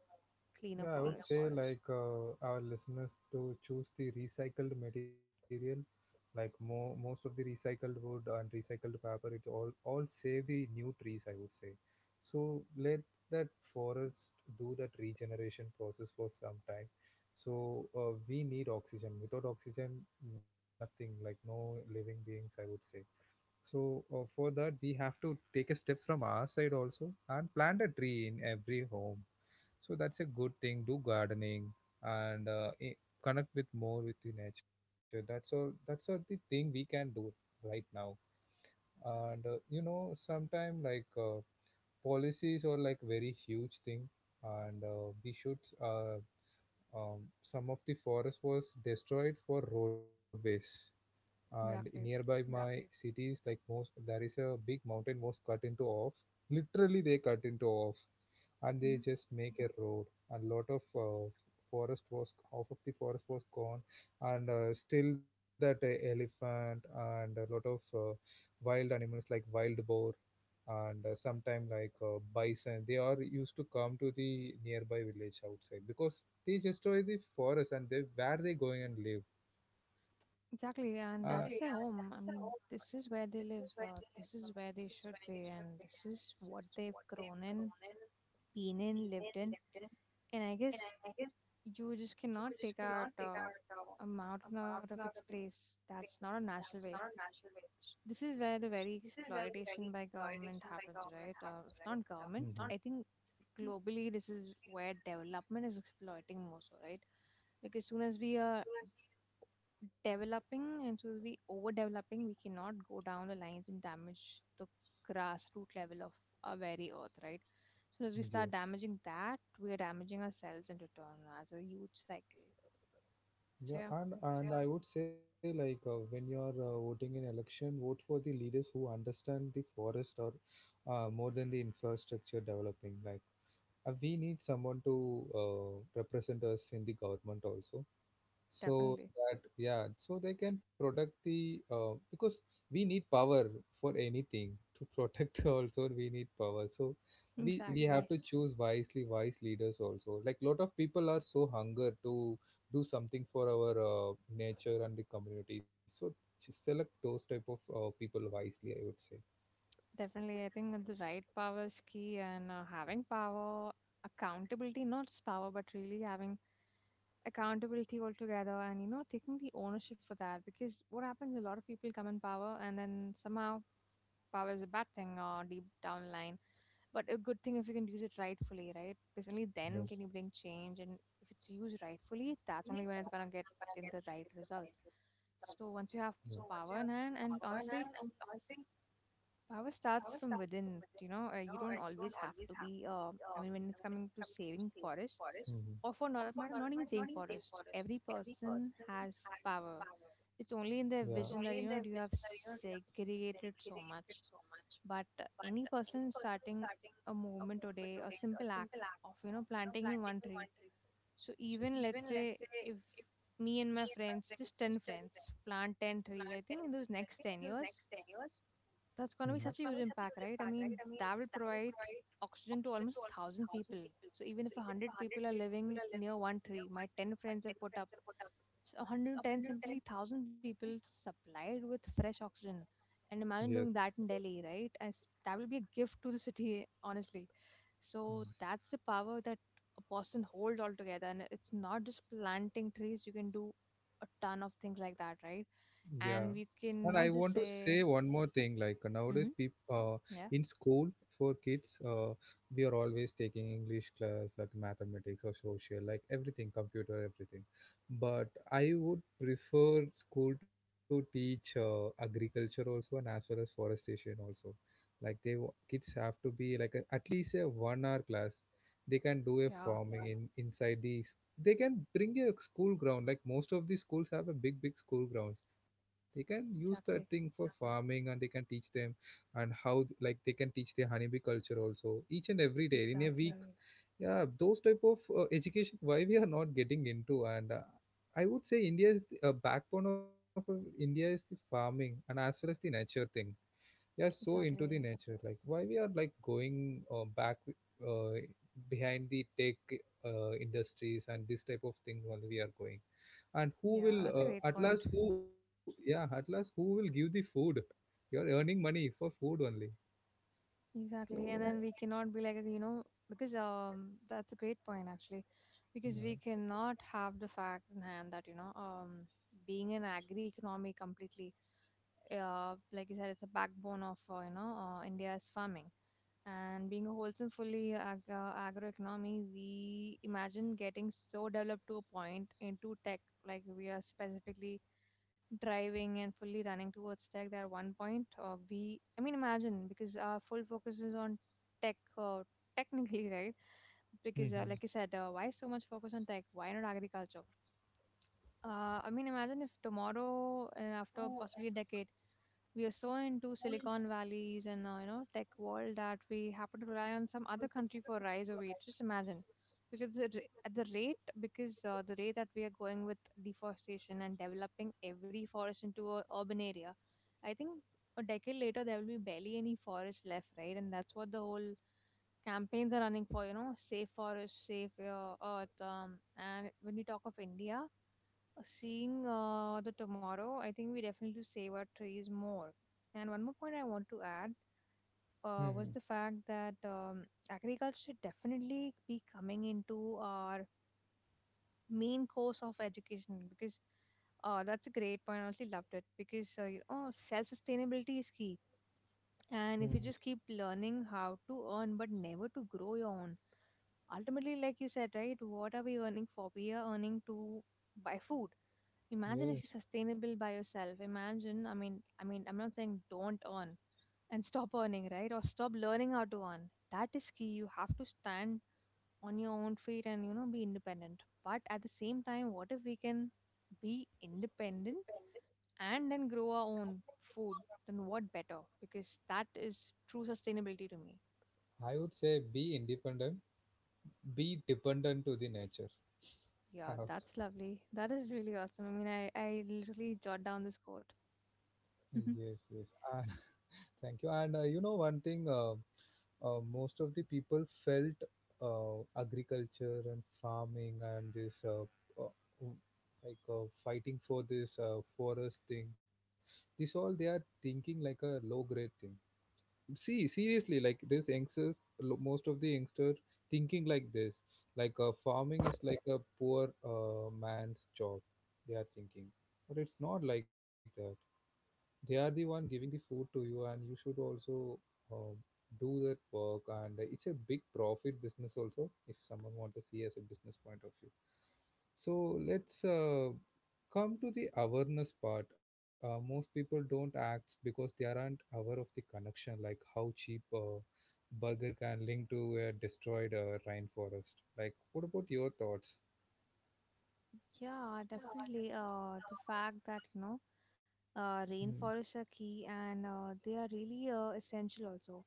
S2: cleaner
S1: Yeah, I Clean would up say
S2: forests.
S1: all. Like our listeners to choose the recycled material, like most of the recycled wood and recycled paper, it all save the new trees, I would say, so let that forest do that regeneration process for some time. So we need oxygen. Without oxygen, nothing. Like no living beings, I would say. So for that, we have to take a step from our side also and plant a tree in every home. So that's a good thing. Do gardening and connect with more with the nature. That's all. That's all the thing we can do right now. And sometimes like policies are like very huge thing, and we should. Some of the forest was destroyed for roadways, and
S2: Exactly.
S1: nearby my cities, like most, there is a big mountain was cut into off. Literally they cut into off, and they
S2: Mhm.
S1: just make a road, and lot of forest was — half of the forest was gone, and still that elephant and a lot of wild animals like wild boar, and sometime like bison, they are used to come to the nearby village outside because they destroy the forest, and they — where they going and live.
S2: Exactly.
S1: uh,
S2: And that's their home. I mean, this is where they live. This is where they should be. And this is what they've grown in, been in, lived in. And I guess you just cannot take out a mountain out of its place. That's not a natural way. This is where the very exploitation by government happens, right? If not government,
S1: mhm.
S2: I think globally this is where development is exploiting more so, right? Because soon as we are developing and soon as we overdeveloping, we cannot go down the lines and damage the grassroots level of our very earth, right? Soon as we start
S1: Yes.
S2: damaging that, we are damaging ourselves in return as a huge cycle. So
S1: Yeah,
S2: yeah,
S1: and I would say, like, when you're voting in election, vote for the leaders who understand the forest, or more than the infrastructure developing. Like, we need someone to represent us in the government also. So
S2: definitely.
S1: that, yeah, so they can protect the, because we need power for anything to protect also. We need power, so we
S2: exactly.
S1: have to choose wisely — wise leaders also. Like, lot of people are so hunger to do something for our nature and the community, so just select those type of people wisely, I would say.
S2: Definitely, I think that the right power is key, and having power, accountability, not just power, but really having accountability altogether and, you know, taking the ownership for that. Because what happens, a lot of people come in power, and then somehow power is a bad thing or deep down the line. But a good thing if you can use it rightfully, right? Because only then can
S1: Yeah,
S2: you bring change. And if it's used rightfully, that's only when it's going to get in the right results. So once you
S1: yeah.
S2: have power in hand, and honestly, power starts from within, you know, you don't always have to be, I mean, when it's coming to saving forest, or
S1: Hmm.
S2: for not that matter, not even saving forest. Every person has power. It's only in their
S1: Yeah.
S2: vision that you know you have segregated so much. But any person starting a movement today, a simple act of you know planting in one tree. So even let's say if me and my friends, just 10 friends, plant 10 trees, I think in those next 10 years, that's going to be such
S1: Mhm.
S2: a huge impact, right? I mean, that will provide oxygen to almost a thousand people. So even if a hundred people are living near one tree, my ten friends have put up, so 110 simply thousand people supplied with fresh oxygen. And imagine doing
S1: Yes.
S2: that in Delhi, right? As that will be a gift to the city, honestly. So that's
S1: Mm.
S2: the power that a person holds altogether. And it's not just planting trees; you can do a ton of things like that, right?
S1: Yeah.
S2: And we
S1: And I
S2: cannot just
S1: want to
S2: say,
S1: say one more thing. Like,
S2: mm-hmm,
S1: nowadays, people,
S2: yeah.
S1: in school, for kids, we are always taking English class, like mathematics or social, like everything, computer, everything. But I would prefer school to teach agriculture also, and as well as forestation also. Like kids have to be like a, at least a 1 hour class. They can do a
S2: Yeah,
S1: farming in — inside the — they can bring a school ground, like most of the schools have a big big school grounds, they can use that thing
S2: exactly.
S1: for farming, and they can teach them, and how — like they can teach their honeybee culture also, each and every day in a week.
S2: Exactly.
S1: Yeah, those type of education, why we are not getting into? And I would say India is the backbone of India is the farming and as well as the nature thing. We are so into the
S2: Exactly.
S1: nature, like, why we are like going back, behind the tech industries, and this type of things only we are going. And who
S2: Yeah,
S1: will
S2: that's a great
S1: at
S2: point.
S1: last — who — yeah, at last, who will give the food? You're earning money for food only,
S2: Exactly.
S1: so.
S2: And then we cannot be like, you know, because that's a great point actually. Because we
S1: Yeah.
S2: cannot have the fact in hand that, you know, being an agri economy completely, like you said, it's a backbone of you know India's farming. And being a wholesome, fully agroeconomy, we imagine getting so developed to a point into tech, like we are specifically driving and fully running towards tech there at one point we I mean imagine because our full focus is on tech technically right? Because
S1: Hmm.
S2: like I said, why so much focus on tech, why not agriculture? I mean, imagine if tomorrow, after possibly a decade, we are so into Silicon Valleys and you know, tech world that we happen to rely on some other country for rise of it. Just imagine, because at the rate, because the rate that we are going with deforestation and developing every forest into a urban area, I think a decade later there will be barely any forest left, right? And that's what the whole campaigns are running for, you know, safe forest, safe earth, and when we talk of india seeing the tomorrow, I think we definitely save our trees more. And one more point I want to add was
S1: Hmm.
S2: the fact that agriculture should definitely be coming into our main course of education because that's a great point. I honestly loved it because you know, self sustainability is key. And if you
S1: Hmm.
S2: just keep learning how to earn but never to grow your own, ultimately like you said, right, what are we earning for? We are earning to buy food. Imagine if you're
S1: Yes.
S2: sustainable by yourself. Imagine, I mean, I'm not saying don't earn and stop earning, right, or stop learning how to earn. That is key. You have to stand on your own feet and you know be independent, but at the same time, what if we can be independent and then grow our own food, then what better? Because that is true sustainability to me.
S1: I would say, be independent, be dependent to the nature.
S2: Yeah, that's lovely. That is really awesome. I mean, I literally jot down this quote.
S1: Yes, yes. And thank you. And you know, one thing, most of the people felt agriculture and farming and this, uh, w- like, fighting for this forest thing. This all they are thinking like a low grade thing. See, seriously, like this youngsters, most of the youngsters thinking like this, like, farming is like a poor man's job. They are thinking, but it's not like that. They are the one giving the food to you, and you should also um, do that work. And it's a big profit business also, if someone want to see as a business point of view. So let's come to the awareness part. Most people don't act because they aren't aware of the connection, like how cheap burger can link to a destroyed rainforest. Like, what about your thoughts?
S2: Yeah, definitely. The fact that, you know,
S1: Mm.
S2: rainforests are key and they are really essential also.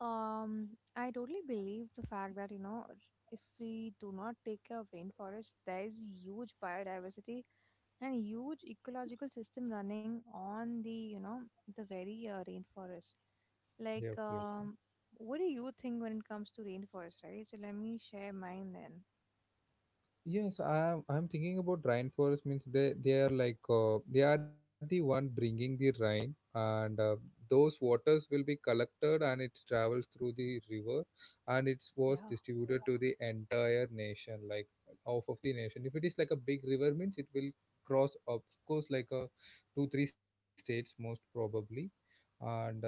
S2: Um, I totally believe the fact that, you know, if we do not take care of rainforests, there is huge biodiversity and huge ecological system running on the you know the very rainforest,
S1: Yeah,
S2: like
S1: yeah.
S2: what do you think when it comes to rainforest, right? So let me share mine then.
S1: Yes, I'm thinking about rainforest means, they are like, they are the one bringing the rain, and those waters will be collected, and it travels through the river, and it was
S2: Yeah.
S1: distributed to the entire nation, like half of the nation. If it is like a big river means, it will cross, of course, like a two three states most probably, and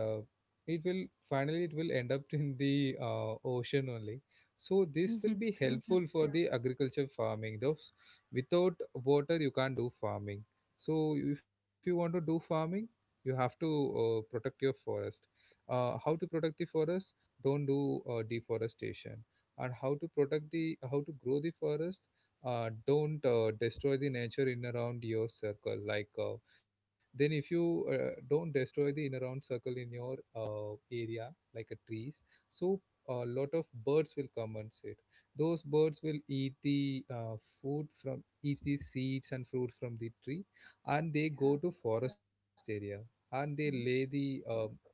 S1: it will — finally it will end up in the ocean only. So this will be — Mhm. —
S2: True.
S1: helpful for the agriculture farming, those — without water you can't do farming. So if you want to do farming, you have to protect your forest. How to protect the forest? Don't do deforestation. And how to protect the — how to grow the forest, don't destroy the nature in around your circle. Like, then if you don't destroy the inner round circle in your area, like a trees, so a lot of birds will come and sit. Those birds will eat the food from — eat the seeds and fruit from the tree, and they go
S2: Yeah.
S1: to forest area, and they lay
S2: Hmm.
S1: the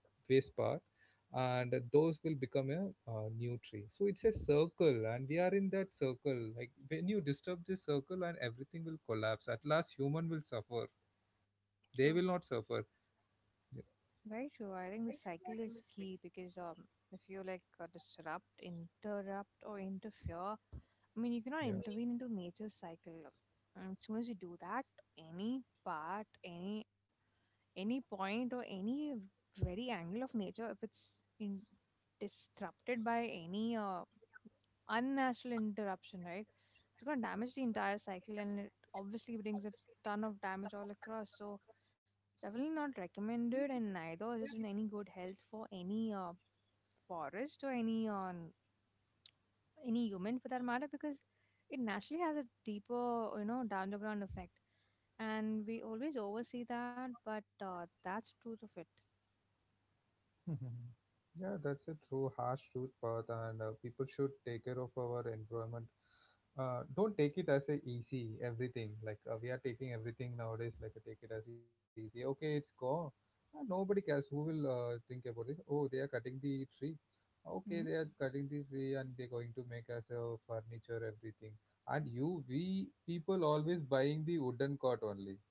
S1: waste part, and those will become a new tree. So it's a circle, and we are in that circle. Like, when you disturb this circle, and everything will collapse. At last human will suffer. They will not
S2: True,
S1: suffer. Yeah.
S2: very true. I think the cycle is key because if you like disrupt, interrupt, or interfere, I mean, you cannot
S1: Yeah.
S2: intervene into nature's cycle. And as soon as you do that, any part, any point or any very angle of nature, if it's in, disrupted by any unnatural interruption, right, it's going to damage the entire cycle and it obviously brings a ton of damage all across, so definitely not recommended and neither is it in any good health for any forest or any on any human for that matter because it naturally has a deeper you know down the ground effect and we always oversee that, but that's truth of it.
S1: Yeah, that's a true harsh truth, Path, and people should take care of our environment. Don't take it as a easy everything. Like, we are taking everything nowadays, like, take it as easy. Okay, it's gone. Nobody cares. Who will think about it? Oh, they are cutting the tree. Okay,
S2: Hmm?
S1: they are cutting the tree and they're going to make us a furniture, everything. And you — we people always buying the wooden cot only.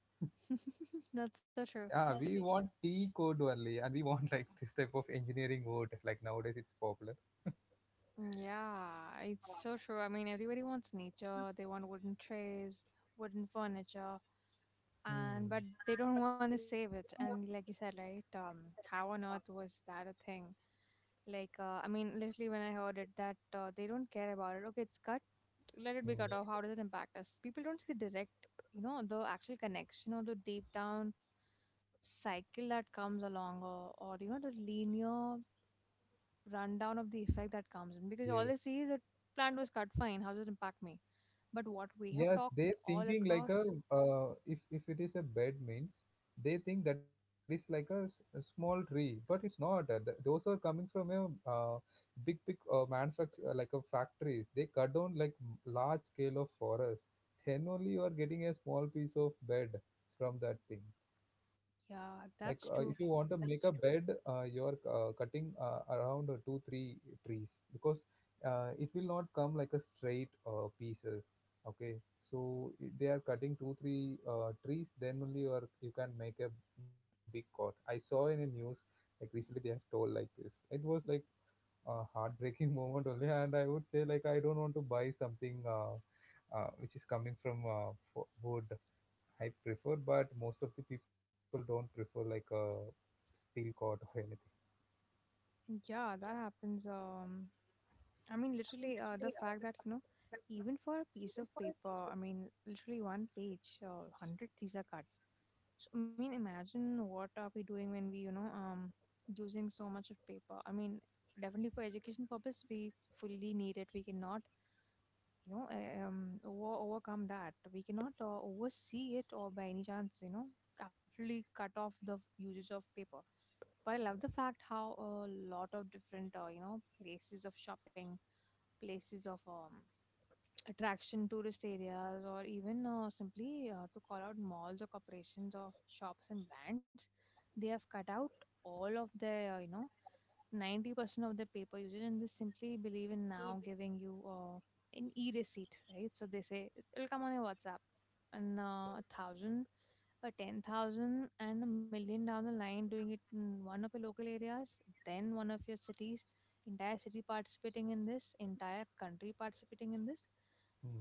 S2: That's so
S1: Yeah,
S2: true.
S1: want t code only, and we want like this type of engineering word, like nowadays it's popular.
S2: Yeah, it's so true. I mean, everybody wants nature. They want wooden trays, wooden furniture, and
S1: Hmm.
S2: but they don't want to save it. And like you said, right? How on earth was that a thing? Like, I mean, literally when I heard it, that they don't care about it. Okay, it's cut. Let it be
S1: Hmm.
S2: cut off. How does it impact us? People don't see the direct, you know, the actual connection or the deep down cycle that comes along, or you know, the linear rundown of the effect that comes in because all
S1: Yes,
S2: they see is a plant was cut, fine, how does it impact me? But what we have
S1: yes,
S2: talked
S1: they
S2: all
S1: thinking like a,
S2: across.
S1: if it is a bed means, they think that is like a, a small tree, but it's not, those are coming from a uh, big big manufacture, like a factories they cut down, like large scale of forest. Then only you are getting a small piece of bed from that thing.
S2: Yeah,
S1: Like, if
S2: that's
S1: you want
S2: true.
S1: to make a bed, you're cutting around two three trees, because it will not come like a straight pieces, okay? So, they are cutting two three trees, then only you are — you can make a big cot. I saw in a news, like recently they have told like this, it was like a heartbreaking moment only. And I would say, like, I don't want to buy something, which is coming from wood. I prefer, but most of the people don't prefer, like a steel cord or anything.
S2: Yeah, that happens. I mean, literally the fact that you know, even for a piece of paper, I mean literally one page 100 trees are cut. So I mean imagine what are we doing when we you know using so much of paper. I mean definitely for education purpose we fully need it, we cannot you know overcome that. We cannot oversee it or by any chance, you know, absolutely cut off the usage of paper. But I love the fact how a lot of different you know, places of shopping, places of attraction, tourist areas, or even simply to call out malls or corporations or shops and brands, they have cut out all of their you know 90% of the paper usage and they simply believe in now giving you an e-receipt, right? So they say it'll come on your WhatsApp. And 1,000, a 10,000, and a million down the line doing it in one of your local areas, then one of your cities, entire city participating in this, entire country participating in this,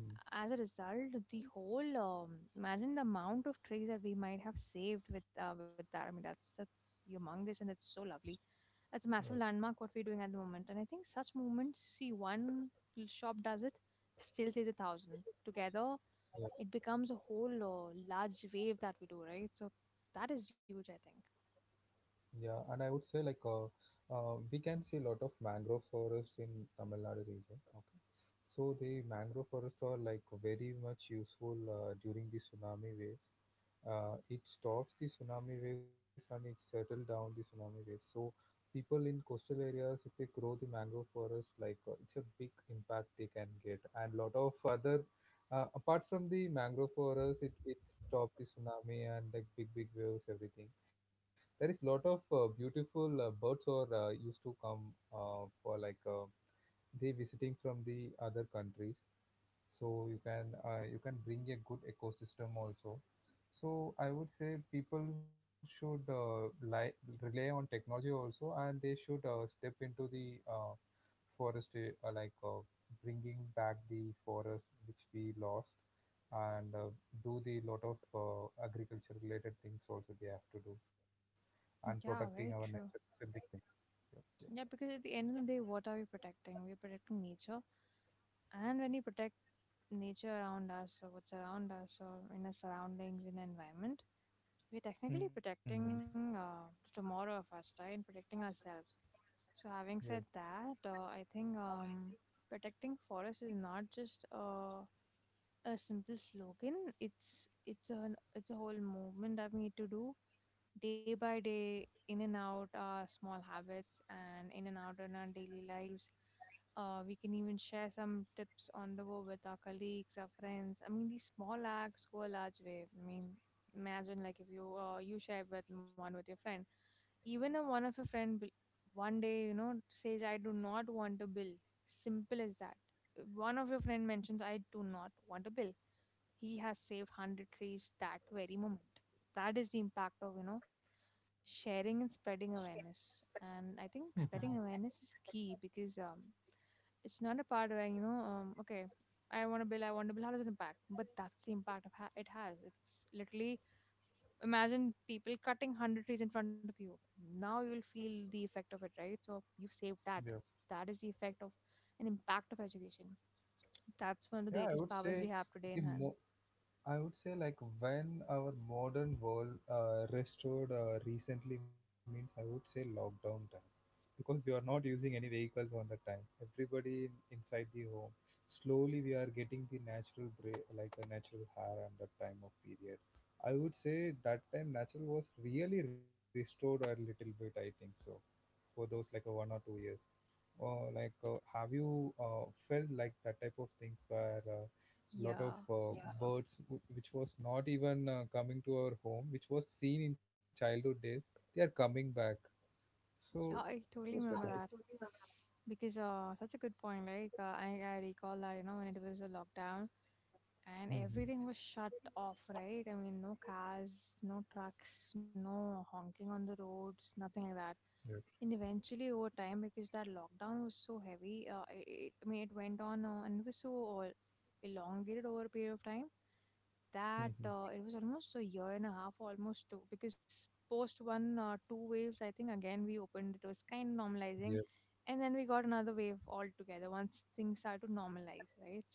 S1: Hmm.
S2: as a result, the whole imagine the amount of trees that we might have saved with that. I mean, that's humongous and that's so lovely. That's a massive landmark what we're doing at the moment. And I think such movements, see, one little shop does it, still says 1,000. Together, it
S1: Yeah.
S2: becomes a whole large wave that we do, right? So that is huge, I think.
S1: Yeah, and I would say like, we can see a lot of mangrove forest in Tamil Nadu region. Okay, so the mangrove forest are like very much useful during the tsunami waves. It stops the tsunami waves and it settle down the tsunami waves. So people in coastal areas, if they grow the mangrove forest, like, it's a big impact they can get, and lot of other. Apart from the mangrove forest, it stops the tsunami and, like, big big waves everything. There is lot of beautiful birds or used to come for, like, they visiting from the other countries. So you can bring a good ecosystem also. So I would say people should rely on technology also, and they should step into the uh, forest, like, bringing back the forest which we lost, and do the lot of agriculture related things also they have to do, and protecting
S2: Yeah,
S1: our
S2: very
S1: nature is
S2: true.
S1: a big thing. Yeah.
S2: Yeah, because at the end of the day, what are we protecting? We're protecting nature. And when we protect nature around us or what's around us or in our surroundings, in our environment, we're technically
S1: Hmm.
S2: protecting the tomorrow of us, right, and protecting ourselves. So
S1: Yeah.
S2: having said that, I think protecting forests is not just a simple slogan. It's a whole movement that we need to do day by day, in and out our small habits and in and out in our daily lives. We can even share some tips on the go with our colleagues, our friends. I mean, these small acts go a large way. I mean, imagine, like, if you share with one with your friend, even if one of your friend will- one day you know says, "I do not want a bill." Simple as that. One of your friend mentions, I do not want a bill. He has saved 100 trees that very moment. That is the impact of you know sharing and spreading awareness. And I
S1: Hmm.
S2: think spreading awareness is key because it's not a part where you know okay, I want a bill, I want a bill, how does it impact, but that's the impact of it has. It's literally imagine people cutting 100 trees in front of you, now you'll feel the effect of it, right, so you've saved that.
S1: Yeah.
S2: That is the effect of an impact of education. That's one of the
S1: Yeah, I
S2: greatest
S1: would
S2: powers
S1: say —
S2: we have today
S1: the
S2: in hand.
S1: mo I would say, like, when our modern world restored recently means, I would say, lockdown time, because we are not using any vehicles on that time. Everybody — inside the home. Slowly we are getting the natural bra like a natural hair and that time of period. I would say that time natural was really restored a little bit, I think so, for those like a one or two years. Like, have you felt like that type of things where a lot of
S2: Yeah,
S1: birds, which was not even coming to our home, which was seen in childhood days, they are coming back. So
S2: yeah, I
S1: it was
S2: totally
S1: like a
S2: remember that. Because such a good point. Like I recall that, you know, when it was a lockdown and
S1: Mhm.
S2: everything was shut off, right? I mean, no cars, no trucks, no honking on the roads, nothing like that.
S1: Yeah.
S2: And eventually, over time, because that lockdown was so heavy, I mean, it went on and it was so elongated over a period of time that
S1: Mhm.
S2: it was almost a year and a half, almost two, because post one two waves, I think again we opened. It was kind of
S1: Yeah.
S2: normalizing, and then we got another wave altogether once things started to normalize, right?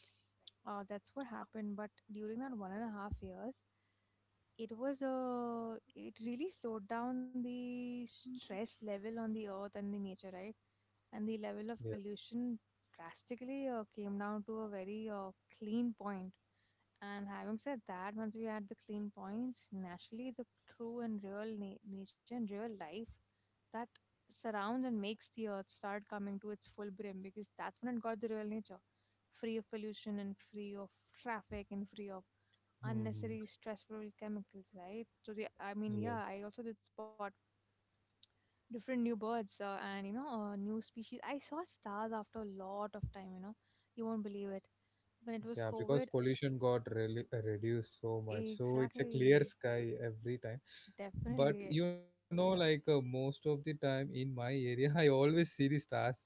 S2: That's what happened. But during that 1.5 years, it was a it really slowed down the stress level on the earth and the nature, right? And the level of
S1: Yeah.
S2: pollution drastically came down to a very clean point. And having said that, once we add the clean points, naturally the true and real nature and real life that surrounds and makes the earth start coming to its full brim because that's when it got the real nature free of pollution and free of traffic and free of
S1: Mhm.
S2: unnecessary stressful chemicals, right? So, I mean,
S1: Yeah.
S2: yeah, I also did spot different new birds and you know, new species. I saw stars after a lot of time, you know, you won't believe it. When it was
S1: Yeah. Because
S2: COVID,
S1: pollution got really reduced so much, so it's a clear
S2: exactly.
S1: sky every time. But,
S2: Definitely.
S1: you know, like, most of the time in my area, I always see the stars, so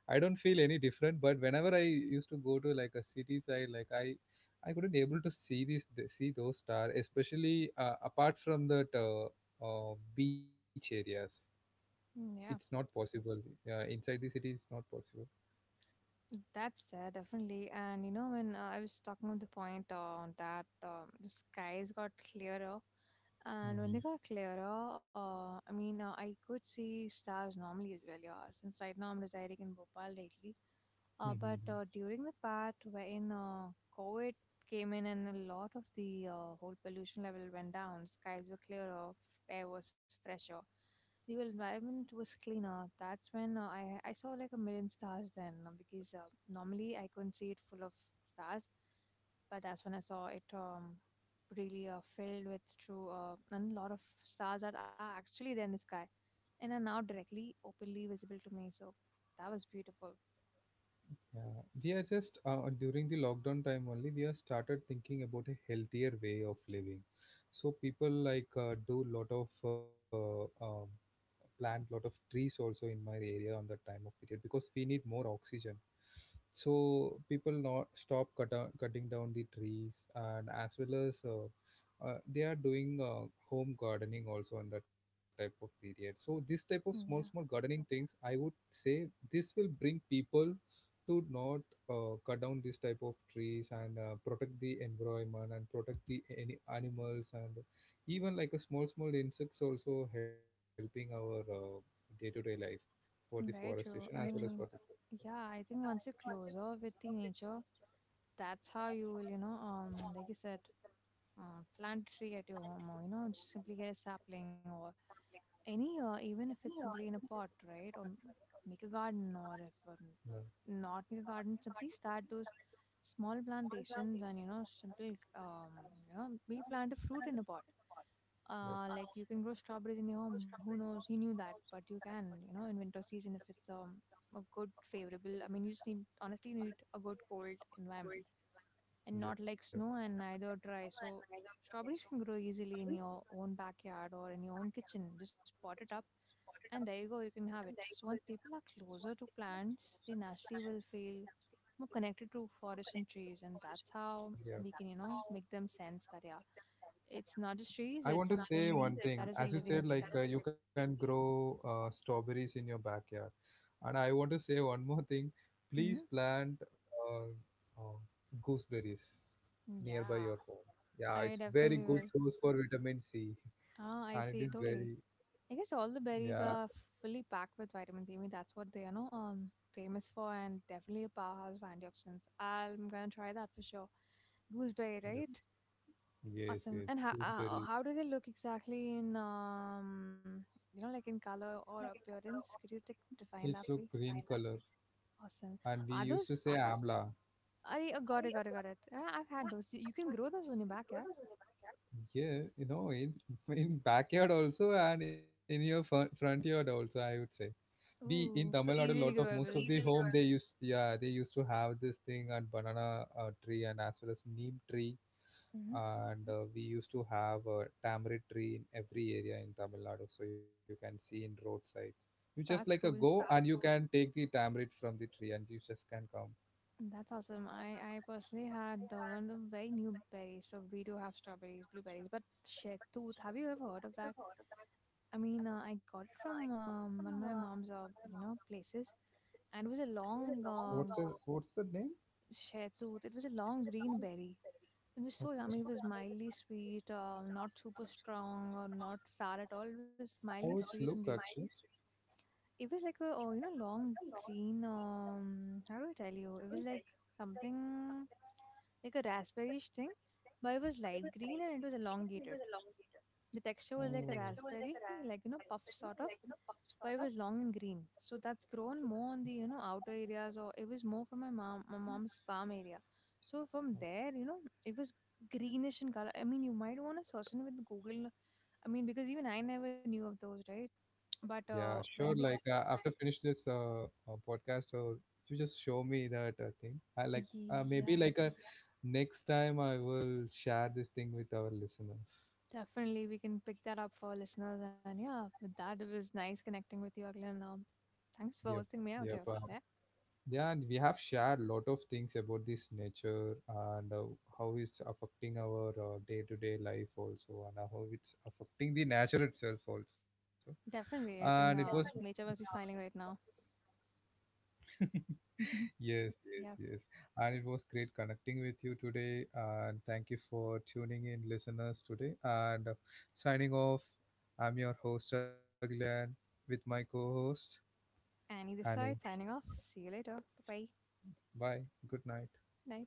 S1: I don't feel any different. But whenever I used to go to, like, a city side, like, I couldn't able to see these — see those stars, especially, apart from that, beach areas it's
S2: Mm,
S1: not
S2: yeah,
S1: possible, inside the city it's not possible.
S2: that's there, definitely. And you know, when I was talking about the point on that, the skies got clearer, and when they
S1: Mhm.
S2: got clearer, I mean, I could see stars normally as well. Yeah, since right now I'm residing in Bhopal lately, but
S1: Mhm.
S2: during the part wherein COVID came in and a lot of the whole pollution level went down, skies were clearer, air was fresher. The environment was cleaner. That's when I saw like a million stars then because normally I couldn't see it full of stars, but that's when I saw it really filled with true and a lot of stars that are actually there in the sky and are now directly openly visible to me. So that was beautiful.
S1: Yeah, we are just during the lockdown time only we have started thinking about a healthier way of living. So people, like, do lot of plant lot of trees also in my area on that time of period, because we need more oxygen. So people not stop cut down — cutting down the trees, and as well as, they are doing home gardening also on that type of period. So this type of small small
S2: Yeah,
S1: gardening things, I would say, this will bring people to not cut down this type of trees and protect the environment and protect the any animals, and even like a small small insects also helping our day-to-day life for the
S2: very
S1: forestation
S2: true.
S1: as
S2: I
S1: well as for the —
S2: mean, yeah, I think once you're closer with the nature, that's how you will, like you said, plant a tree at your home, or you know, just simply get a sapling or any even if it's simply in a pot, right? Or make a garden, or if
S1: Yeah.
S2: not make a garden, simply start those small plantations and you know simple um, you know, maybe plant a fruit in a pot.
S1: Yeah.
S2: Like, you can grow strawberries in your home. Who knows he knew that? But you can, you know, in winter season, if it's a good favorable, I mean, you just need, honestly need a good cold environment and not
S1: Yeah.
S2: like snow and neither dry. So strawberries can grow easily in your own backyard or in your own kitchen. Just pot it up and there you go, you can have it. So once people are closer to plants, they naturally will feel more connected to forests and trees, and that's how
S1: Yeah.
S2: we can, you know, make them sense that yeah, it's not just trees,
S1: I
S2: it's
S1: want to say
S2: something
S1: one
S2: that
S1: thing.
S2: is a
S1: As you
S2: living
S1: said,
S2: being.
S1: like, you can grow strawberries in your backyard. And I want to say one more thing. Please
S2: Hmm.
S1: plant uh, gooseberries nearby
S2: Yeah,
S1: your home. Yeah,
S2: I
S1: it's very
S2: definitely
S1: good
S2: will.
S1: source for vitamin C,
S2: Ah,
S1: and
S2: I
S1: it is
S2: see.
S1: very —
S2: Totally. I guess all the
S1: Yeah.
S2: berries are fully packed with vitamins. I mean, that's what they are, no, famous for, and definitely a powerhouse for antioxidants. I'm gonna try that for sure. Gooseberry,
S1: Yeah.
S2: right?
S1: Yes,
S2: Awesome.
S1: yes,
S2: And
S1: gooseberries.
S2: how do they look exactly in you know, like in color or appearance? Could you take
S1: It's
S2: define
S1: look
S2: that, please?
S1: green color,
S2: Awesome.
S1: and we
S2: Are
S1: used
S2: those?
S1: to say amla.
S2: I, oh, got it, got it, got it. Yeah, I've had those. You can grow those on your backyard.
S1: Yeah, you know, in backyard also, and in your front yard also, I would say. We in
S2: Ooh,
S1: Tamil
S2: so
S1: Nadu, lot of
S2: easily
S1: most — so of the
S2: growable.
S1: home, they learn used — yeah, they used to have this thing, and banana tree, and as well as neem tree,
S2: Hmm.
S1: and we used to have a tamarind tree in every area in Tamil Nadu. So you can see in roadsides, you just, like, a
S2: That's
S1: go
S2: cool.
S1: and you can take the tamarind from the tree, and you just can come.
S2: That's awesome. I personally had one of very new berries. So we do have strawberries, blueberries, but shetut. Have you ever heard of that? I mean, I got it from one of my mom's, you know, places, and it was a long
S1: What's the what's the name?
S2: shetut. It was a long green berry. It was so
S1: Okay.
S2: yummy. It was mildly sweet, not super strong or not sour at all. It was
S1: How it's
S2: mildly
S1: look
S2: sweet, and
S1: actually?
S2: it was like a, oh, you know, long green, um, how do I tell you? It was like something like a raspberryish thing, but it was light green and it was elongated. The texture was like a
S1: The — oh,
S2: raspberry, like, you know, puff sort of, but it was long and green. So that's grown more on the, you know, outer areas, or it was more from my mom's farm area. So from there, you know, it was greenish in color. I mean, you might want to search it with Google. I mean, because even I never knew of those, right? But
S1: yeah, sure. Like,
S2: when they.
S1: after like, finish this podcast, or you just show me that thing. I like, maybe
S2: Yeah,
S1: like a next time I will share this thing with our listeners.
S2: definitely. We can pick that up for our listeners. And yeah, with that, it was nice connecting with you, Aglan.
S1: Yep,
S2: Thanks for hosting me
S1: yep.
S2: out here. Yeah,
S1: Yeah, and we have shared lot of things about this nature, and how it's affecting our day-to-day life also, and how it's affecting the nature itself also.
S2: definitely. I
S1: And it
S2: think
S1: was —
S2: nature must be smiling right now.
S1: definitely. Yes, yes,
S2: Yeah.
S1: yes. And it was great connecting with you today. And thank you for tuning in, listeners, today. And signing off, I'm your host, Aglan, with my co host,
S2: Annie this
S1: Annie.
S2: side, signing off. See you later. Bye bye.
S1: Bye. Good night.
S2: Night.